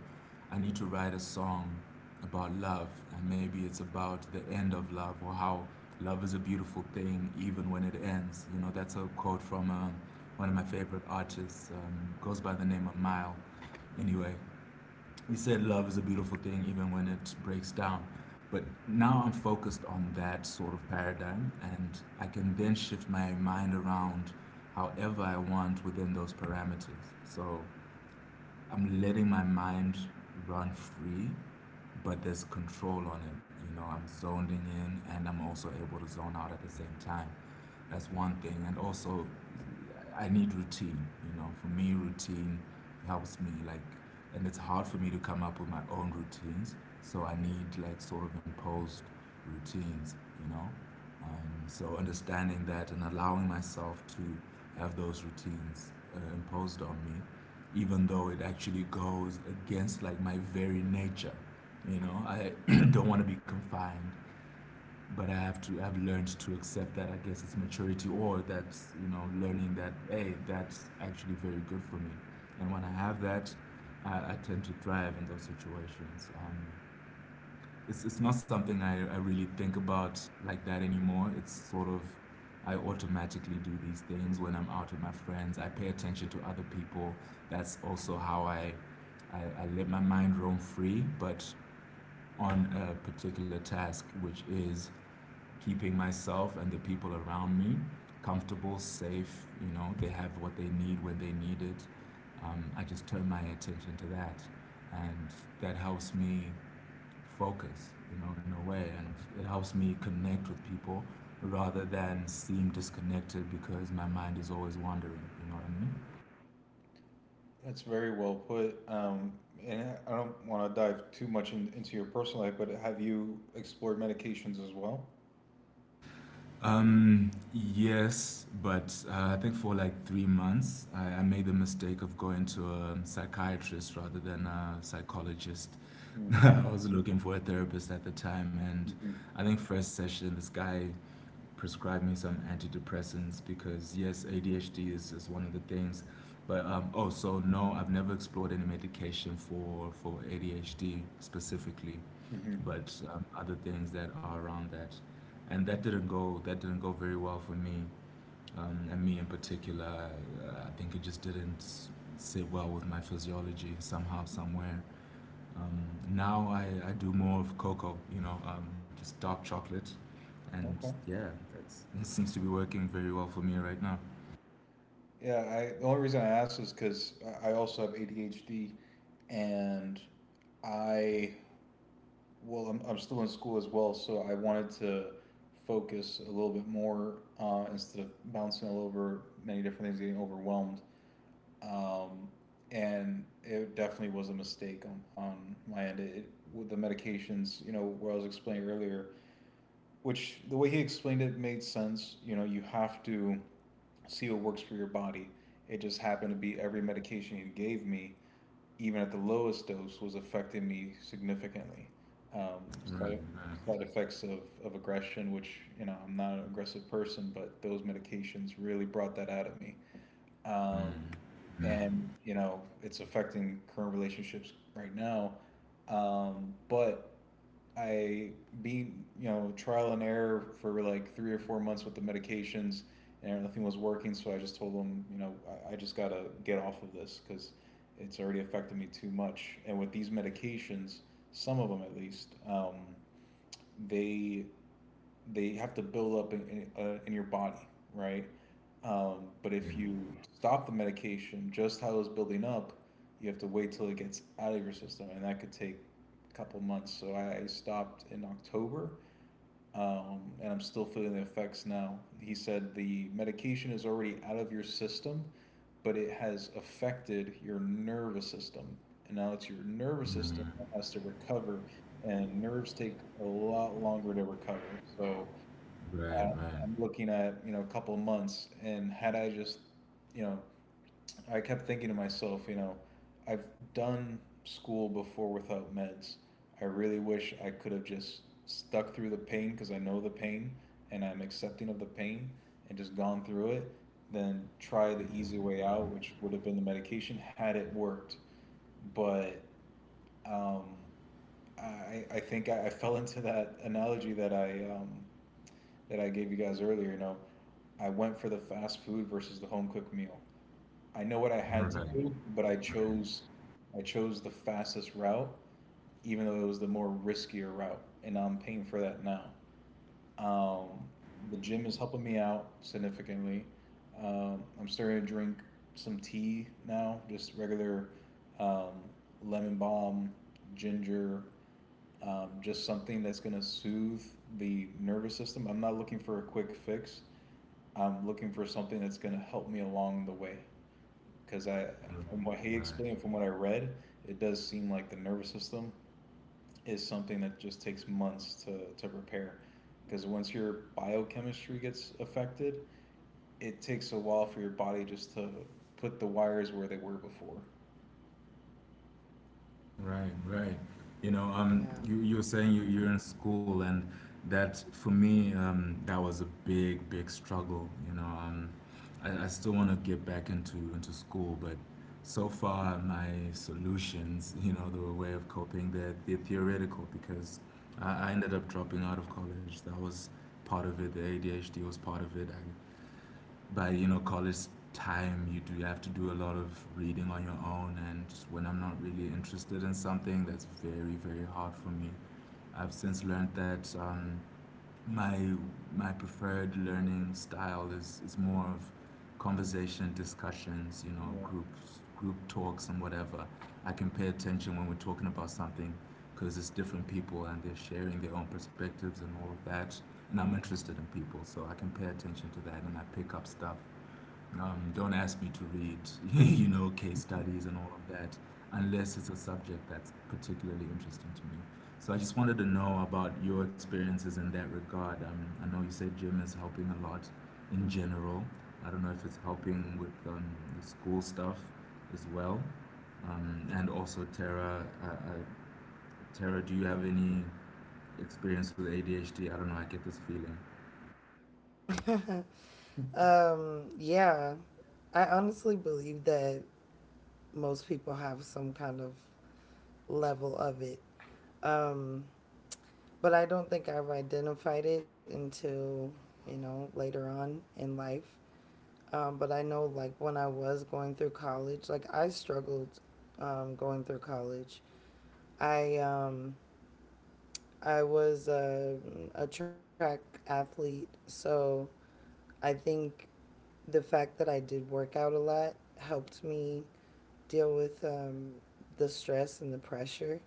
Speaker 2: I need to write a song about love, and maybe it's about the end of love or how love is a beautiful thing even when it ends. You know, that's a quote from one of my favorite artists, goes by the name of Mile. Anyway, you said love is a beautiful thing even when it breaks down. But now I'm focused on that sort of paradigm, and I can then shift my mind around however I want within those parameters. So I'm letting my mind run free, but there's control on it. You know, I'm zoning in and I'm also able to zone out at the same time. That's one thing. And also, I need routine. You know, for me, routine helps me. Like, and it's hard for me to come up with my own routines. So I need like sort of imposed routines. You know, so understanding that and allowing myself to have those routines imposed on me, even though it actually goes against like my very nature. You know, I don't want to be confined, but I have to. I've learned to accept that, I guess it's maturity, or that's, you know, learning that hey, that's actually very good for me. And when I have that, I tend to thrive in those situations. It's not something I really think about like that anymore. It's sort of, I automatically do these things. When I'm out with my friends, I pay attention to other people. That's also how I let my mind roam free, but on a particular task, which is keeping myself and the people around me comfortable, safe. You know, they have what they need when they need it. I just turn my attention to that, and that helps me focus. You know, in a way, and it helps me connect with people rather than seem disconnected because my mind is always wandering. You know what I mean?
Speaker 3: That's very well put. And I don't want to dive too much in, into your personal life, but have you explored medications as well?
Speaker 2: Yes, but I think for like 3 months, I made the mistake of going to a psychiatrist rather than a psychologist. I was looking for a therapist at the time, and
Speaker 3: Mm-hmm.
Speaker 2: I think first session, this guy prescribed me some antidepressants because yes, ADHD is one of the things, but no, I've never explored any medication for ADHD specifically,
Speaker 3: Mm-hmm.
Speaker 2: but other things that are around that, and that didn't go very well for me, and me in particular. I think it just didn't sit well with my physiology somehow somewhere. Now, I do more of cocoa, you know, just dark chocolate, and
Speaker 3: Okay.
Speaker 2: yeah, that seems to be working very well for me right now.
Speaker 3: Yeah, the only reason I asked is because I also have ADHD and I, well, I'm, I'm still in school as well, so I wanted to focus a little bit more instead of bouncing all over many different things, getting overwhelmed. Um, and it definitely was a mistake on my end. With the medications, you know, where I was explaining earlier, which the way he explained it made sense. You know, you have to see what works for your body. It just happened to be every medication he gave me, even at the lowest dose, was affecting me significantly. Um,
Speaker 2: Right,
Speaker 3: side,
Speaker 2: right.
Speaker 3: Side effects of aggression, which, you know, I'm not an aggressive person, but those medications really brought that out of me. Um,
Speaker 2: Mm, mm,
Speaker 3: and you know, it's affecting current relationships right now. But I being you know trial and error for like 3 or 4 months with the medications, and nothing was working. So I just told them, you know, I just gotta get off of this because it's already affected me too much. And with these medications, some of them at least, they they have to build up in in your body, right? But
Speaker 2: yeah.
Speaker 3: if you stop the medication just how it's building up, you have to wait till it gets out of your system, and that could take a couple months. So I stopped in October, and I'm still feeling the effects now. He said the medication is already out of your system, but it has affected your nervous system, and now it's your nervous system that has to recover, and nerves take a lot longer to recover. So
Speaker 2: Right, right,
Speaker 3: I'm looking at, you know, a couple of months and had I just, you know, I kept thinking to myself, you know, I've done school before without meds. I really wish I could have just stuck through the pain because I know the pain and I'm accepting of the pain and just gone through it, then try the easy way out, which would have been the medication had it worked. But um, I, I think I fell into that analogy that I gave you guys earlier, you know, I went for the fast food versus the home cooked meal. I know what I had to
Speaker 2: right,
Speaker 3: do, but I
Speaker 2: right,
Speaker 3: chose I chose the fastest route, even though it was the more riskier route, and I'm paying for that now. Um, the gym is helping me out significantly. I'm starting to drink some tea now, just regular um, lemon balm, ginger, just something that's gonna soothe the nervous system. I'm not looking for a quick fix. I'm looking for something that's going to help me along the way. Because I,
Speaker 2: right,
Speaker 3: from what he
Speaker 2: right.
Speaker 3: explained, from what I read, it does seem like the nervous system is something that just takes months to repair. Because once your biochemistry gets affected, it takes a while for your body just to put the wires where they were before.
Speaker 2: Right, right. You know,
Speaker 1: Yeah.
Speaker 2: you were saying you're in school, and that for me, that was a big, big struggle. You know, I still want to get back into school, but so far my solutions, you know, the way of coping, they're theoretical because I ended up dropping out of college. That was part of it. The ADHD was part of it. By, you know, college time, you do have to do a lot of reading on your own, and when I'm not really interested in something, that's very, very hard for me. I've since learned that my my preferred learning style is more of conversation, discussions, you know,
Speaker 3: Yeah.
Speaker 2: groups, group talks, and whatever. I can pay attention when we're talking about something because it's different people and they're sharing their own perspectives and all of that, and I'm interested in people, so I can pay attention to that and I pick up stuff. Don't ask me to read, you know, case studies and all of that, unless it's a subject that's particularly interesting to me. So I just wanted to know about your experiences in that regard. I know you said gym is helping a lot in general. I don't know if it's helping with the school stuff as well. And also Tara, Tara, do you have any experience with ADHD? I don't know, I get this feeling.
Speaker 1: Yeah, I honestly believe that most people have some kind of level of it. Um, but I don't think I've identified it until, later on in life. But I know, like, when I was going through college, like, I struggled going through college. I um, I was a track athlete, so I think the fact that I did work out a lot helped me deal with the stress and the pressure.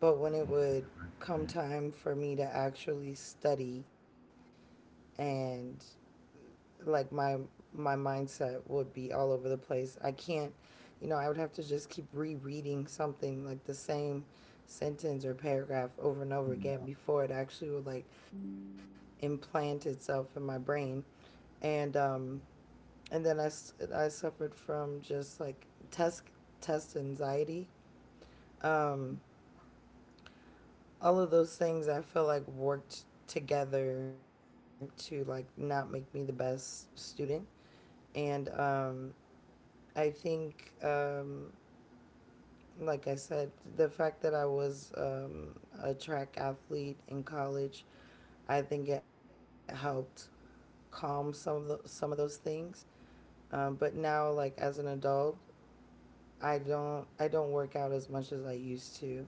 Speaker 1: But when it would come time for me to actually study and like my mindset would be all over the place. I can't, I would have to just keep rereading something like the same sentence or paragraph over and over again
Speaker 3: Yeah.
Speaker 1: before it actually would like implant itself in my brain. And then I suffered from just like test anxiety. Um all of those things I feel like worked together to like not make me the best student. And I think, like I said, the fact that I was a track athlete in college, I think it helped calm some of those things. But now, like as an adult, I don't work out as much as I used to.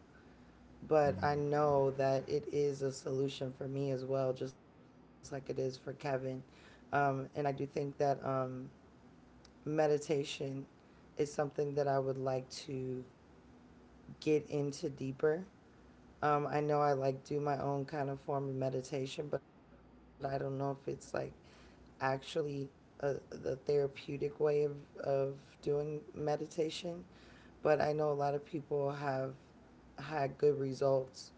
Speaker 1: But I know that it is a solution for me as well, just like it is for Kevin. And I do think that meditation is something that I would like to get into deeper. I know I like do my own kind of form of meditation, but I don't know if it's like actually the therapeutic way of doing meditation. But I know a lot of people have had good results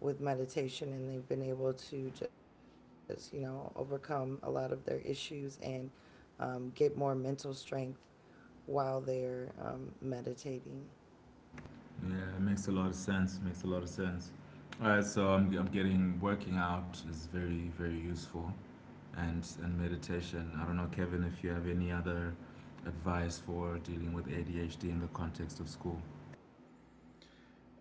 Speaker 1: with meditation and they've been able to just, overcome a lot of their issues and get more mental strength while they're meditating.
Speaker 2: Yeah, it makes a lot of sense. Makes a lot of sense. All right, so I'm getting working out is very, very useful, and meditation. I don't know, Kevin, if you have any other advice for dealing with ADHD in the context of school.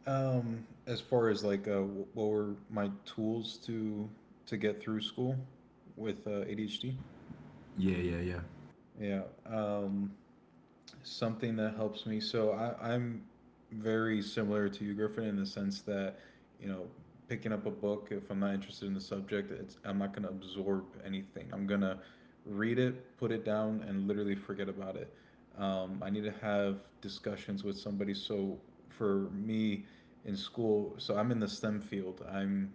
Speaker 3: As far as like what were my tools to get through school with ADHD?
Speaker 2: Yeah, yeah, yeah.
Speaker 3: Yeah. Um, Something that helps me. I'm very similar to you, Griffin, in the sense that, you know, picking up a book, if I'm not interested in the subject, I'm not going to absorb anything. I'm going to read it, put it down, and literally forget about it. I need to have discussions with somebody. So for me in school, so I'm in the STEM field. I'm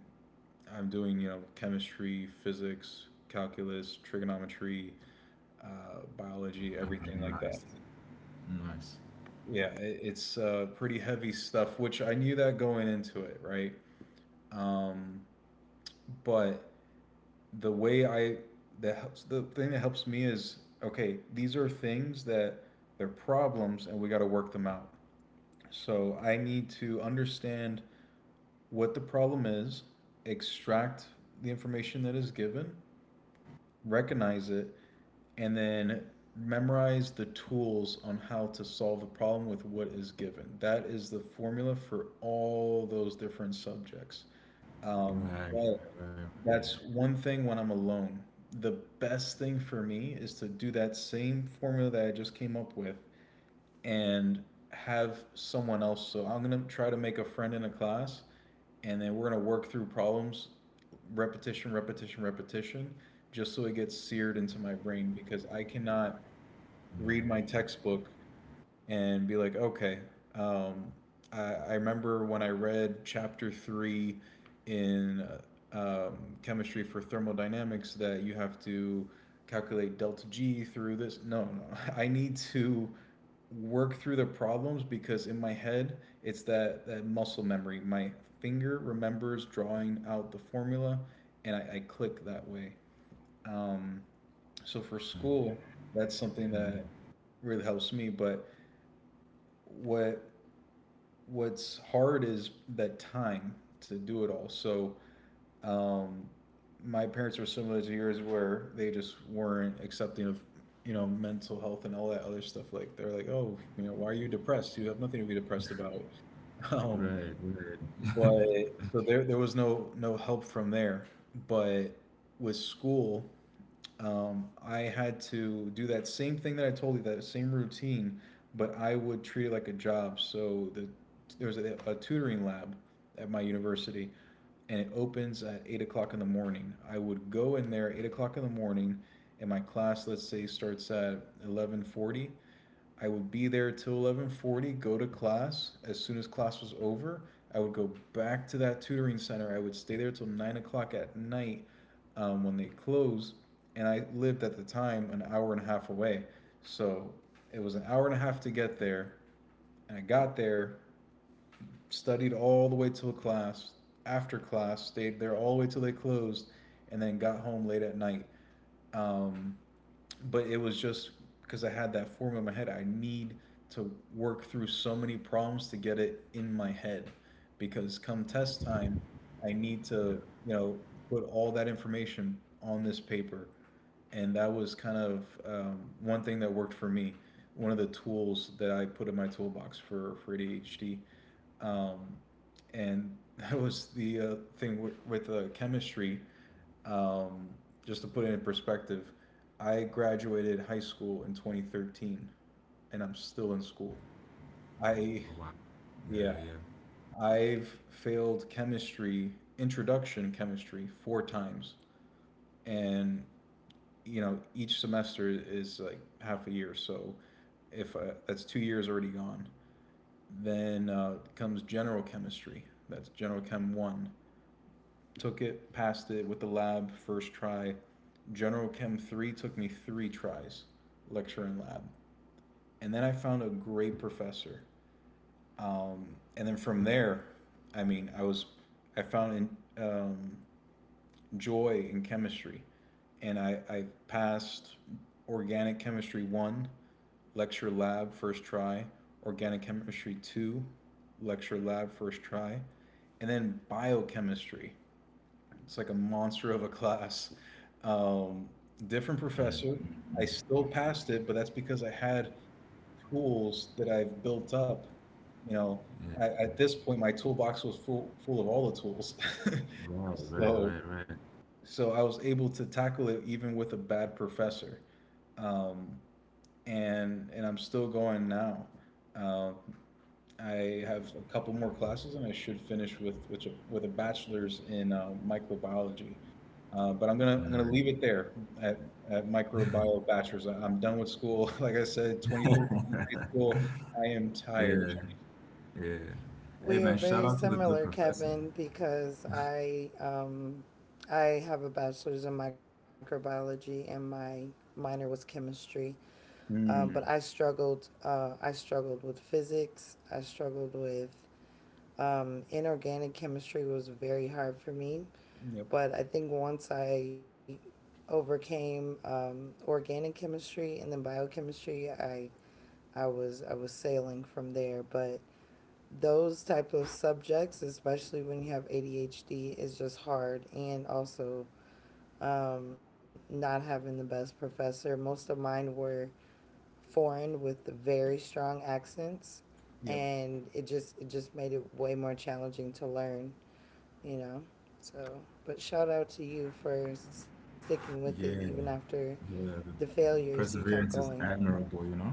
Speaker 3: I'm doing you know chemistry, physics, calculus, trigonometry, uh, biology, everything like that.
Speaker 2: Nice, nice.
Speaker 3: Yeah, it's pretty heavy stuff, which I knew that going into it, right? Um, but the way I that helps the thing that helps me is okay. These are things that they're problems, and we got to work them out. So I need to understand what the problem is, extract the information that is given, recognize it, and then memorize the tools on how to solve the problem with what is given. That is the formula for all those different subjects. Um,
Speaker 2: Right,
Speaker 3: but
Speaker 2: right, right.
Speaker 3: that's one thing when I'm alone. The best thing for me is to do that same formula that I just came up with and have someone else. So I'm gonna try to make a friend in a class, and then we're gonna work through problems, repetition, repetition, repetition, just so it gets seared into my brain because I cannot
Speaker 2: Yeah.
Speaker 3: read my textbook and be like, okay, um, I remember when I read chapter three in uh, um, chemistry for thermodynamics that you have to calculate delta G through this. No, no, I need to work through the problems because in my head it's that muscle memory. My finger remembers drawing out the formula and I click that way. Um, so for
Speaker 2: Mm.
Speaker 3: school, that's something that really helps me. But what what's hard is that time to do it all. Um, my parents were similar to yours, where they just weren't accepting of you know mental health and all that other stuff. Like they're like, oh, you know, why are you depressed? You have nothing to be depressed about. Um,
Speaker 2: Right, right, right.
Speaker 3: but so there was no help from there. But with school, I had to do that same thing that I told you, that same routine, but I would treat it like a job. There was a tutoring lab at my university, and it opens at 8 o'clock in the morning. I would go in there at 8 o'clock in the morning, and my class, let's say, starts at 11:40. I would be there till 11:40, go to class. As soon as class was over, I would go back to that tutoring center. I would stay there till 9 o'clock at night when they closed, and I lived at the time an hour and a half away. So it was an hour and a half to get there, and I got there, studied all the way till class. After class, stayed there all the way till they closed, and then got home late at night. Um, but it was just because I had that form in my head. I need to work through so many problems to get it in my head because come test time, I need
Speaker 2: Yeah.
Speaker 3: to, you know, put all that information on this paper. And that was kind of one thing that worked for me. One of the tools that I put in my toolbox for ADHD. Um, and that was the thing with chemistry. um, just to put it in perspective, I graduated high school in 2013 and I'm still in school. I,
Speaker 2: Oh, wow. Yeah,
Speaker 3: yeah,
Speaker 2: yeah,
Speaker 3: I've failed chemistry, introduction chemistry, 4 times. And, you know, each semester is like half a year. So if I, that's 2 years already gone. Then comes general chemistry, that's general chem one. Took it, passed it with the lab first try. General Chem 3 took me 3 tries, lecture and lab. And then I found a great professor. Um, and then from there, I mean, I was, I found in, um, joy in chemistry. And I passed organic chemistry 1, lecture lab first try, organic chemistry 2, lecture lab first try, and then biochemistry it's like a monster of a class. Um, Different professor. I still passed it, but that's because I had tools that I've built up. You know,
Speaker 2: yeah.
Speaker 3: at this point, my toolbox was full full of all the tools.
Speaker 2: Right, right,
Speaker 3: so
Speaker 2: right, right.
Speaker 3: so I was able to tackle it even with a bad professor, um, and I'm still going now. Um, I have a couple more classes, and I should finish with which with a bachelor's in microbiology. But I'm gonna
Speaker 2: Nice.
Speaker 3: leave it there at microbiology bachelor's. I'm done with school. Like I said, 2013 high school. I am tired.
Speaker 2: Yeah, yeah. Hey
Speaker 1: We are
Speaker 2: man, shout
Speaker 1: very
Speaker 2: out to the good
Speaker 1: similar,
Speaker 2: professor.
Speaker 1: Kevin, because I have a bachelor's in microbiology and my minor was chemistry. But I
Speaker 3: Hmm.
Speaker 1: struggled. I struggled with physics. I struggled with inorganic chemistry was very hard for me.
Speaker 3: Yep.
Speaker 1: But I think once I overcame organic chemistry and then biochemistry, I was sailing from there. But those type of subjects, especially when you have ADHD, is just hard. And also, not having the best professor. Most of mine were foreign with very strong accents,
Speaker 3: Yep.
Speaker 1: and it just made it way more challenging to learn. You know, so but shout out to you for sticking with it even
Speaker 2: Yeah.
Speaker 1: after
Speaker 2: Yeah. The
Speaker 1: the failures. You kept
Speaker 2: perseverance is
Speaker 1: going.
Speaker 2: admirable, you know?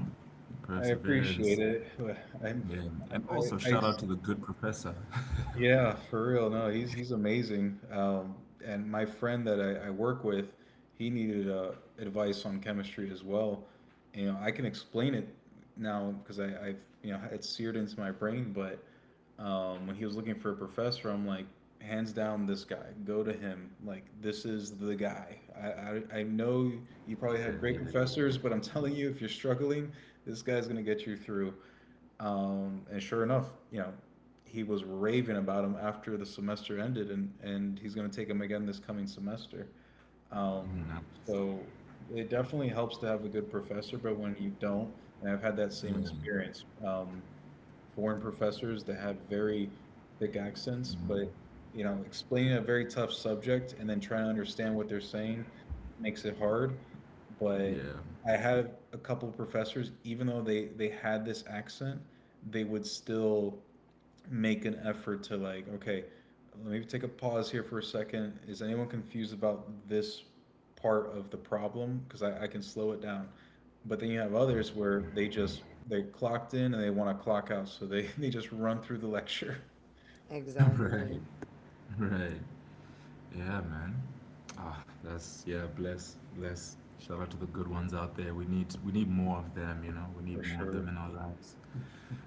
Speaker 3: I
Speaker 2: Perseverance.
Speaker 3: appreciate it, but I'm
Speaker 2: Yeah. And
Speaker 3: I, I,
Speaker 2: also
Speaker 3: I
Speaker 2: shout out to the good professor.
Speaker 3: Yeah, for real. No, he's amazing. And my friend that I work with, he needed advice on chemistry as well. You know, I can explain it now because I've you know it's seared into my brain. But when he was looking for a professor, I'm like, hands down, this guy. Go to him. Like this is the guy. I know you probably
Speaker 2: Yeah,
Speaker 3: had great
Speaker 2: yeah.
Speaker 3: professors, but I'm telling you, if you're struggling, this guy's gonna get you through. And sure enough, you know, he was raving about him after the semester ended, and he's going to take him again this coming semester. Um,
Speaker 2: You know.
Speaker 3: so it definitely helps to have a good professor, but when you don't, and I've had that same
Speaker 2: Yeah.
Speaker 3: experience, foreign professors that have very thick accents,
Speaker 2: Mm.
Speaker 3: but you know, explaining a very tough subject and then trying to understand what they're saying makes it hard. But
Speaker 2: Yeah.
Speaker 3: I have a couple of professors, even though they had this accent, they would still make an effort to like okay let me take a pause here for a second is anyone confused about this part of the problem because I can slow it down but then you have others where they clocked in and they want to clock out so they, they just run through the lecture.
Speaker 2: Right.
Speaker 1: Exactly.
Speaker 2: Right. Yeah, man. Ah, that's yeah, bless, bless. Shout out to the good ones out there. We need more of them, you know. We need
Speaker 3: For
Speaker 2: more of
Speaker 3: sure.
Speaker 2: them in our lives.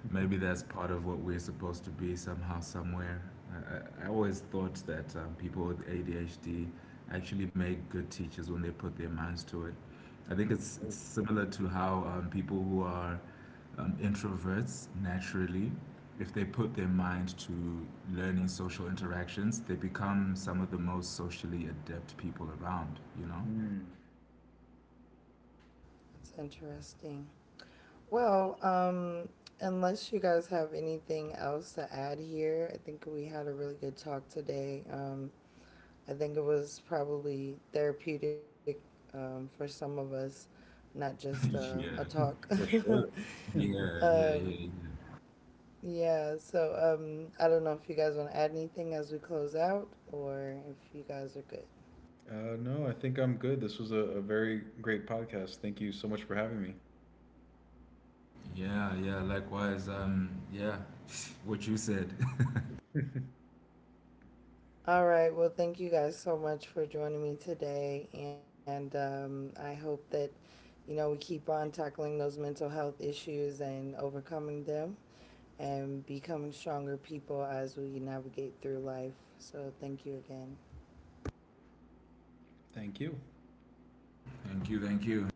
Speaker 2: Maybe that's part of what we're supposed to be somehow, somewhere. Always thought that people with ADHD actually make good teachers when they put their minds to it. I think it's similar to how people who are introverts naturally, if they put their mind to learning social interactions, they become some of the most socially adept people around, you know?
Speaker 3: Mm.
Speaker 1: It's interesting. Well, unless you guys have anything else to add here, I think we had a really good talk today. I think it was probably therapeutic, for some of us, not just a
Speaker 2: Yeah,
Speaker 1: talk.
Speaker 3: For sure.
Speaker 2: yeah, yeah, yeah,
Speaker 1: um,
Speaker 2: yeah.
Speaker 1: yeah, so I don't know if you guys want to add anything as we close out or if you guys are good.
Speaker 3: No, I think I'm good. This was a very great podcast. Thank you so much for having me.
Speaker 2: Yeah, yeah, likewise. Yeah, what you said.
Speaker 1: All right. Well, thank you guys so much for joining me today. And I hope that, we keep on tackling those mental health issues and overcoming them and becoming stronger people as we navigate through life. So thank you again.
Speaker 3: Thank you.
Speaker 2: Thank you, thank you.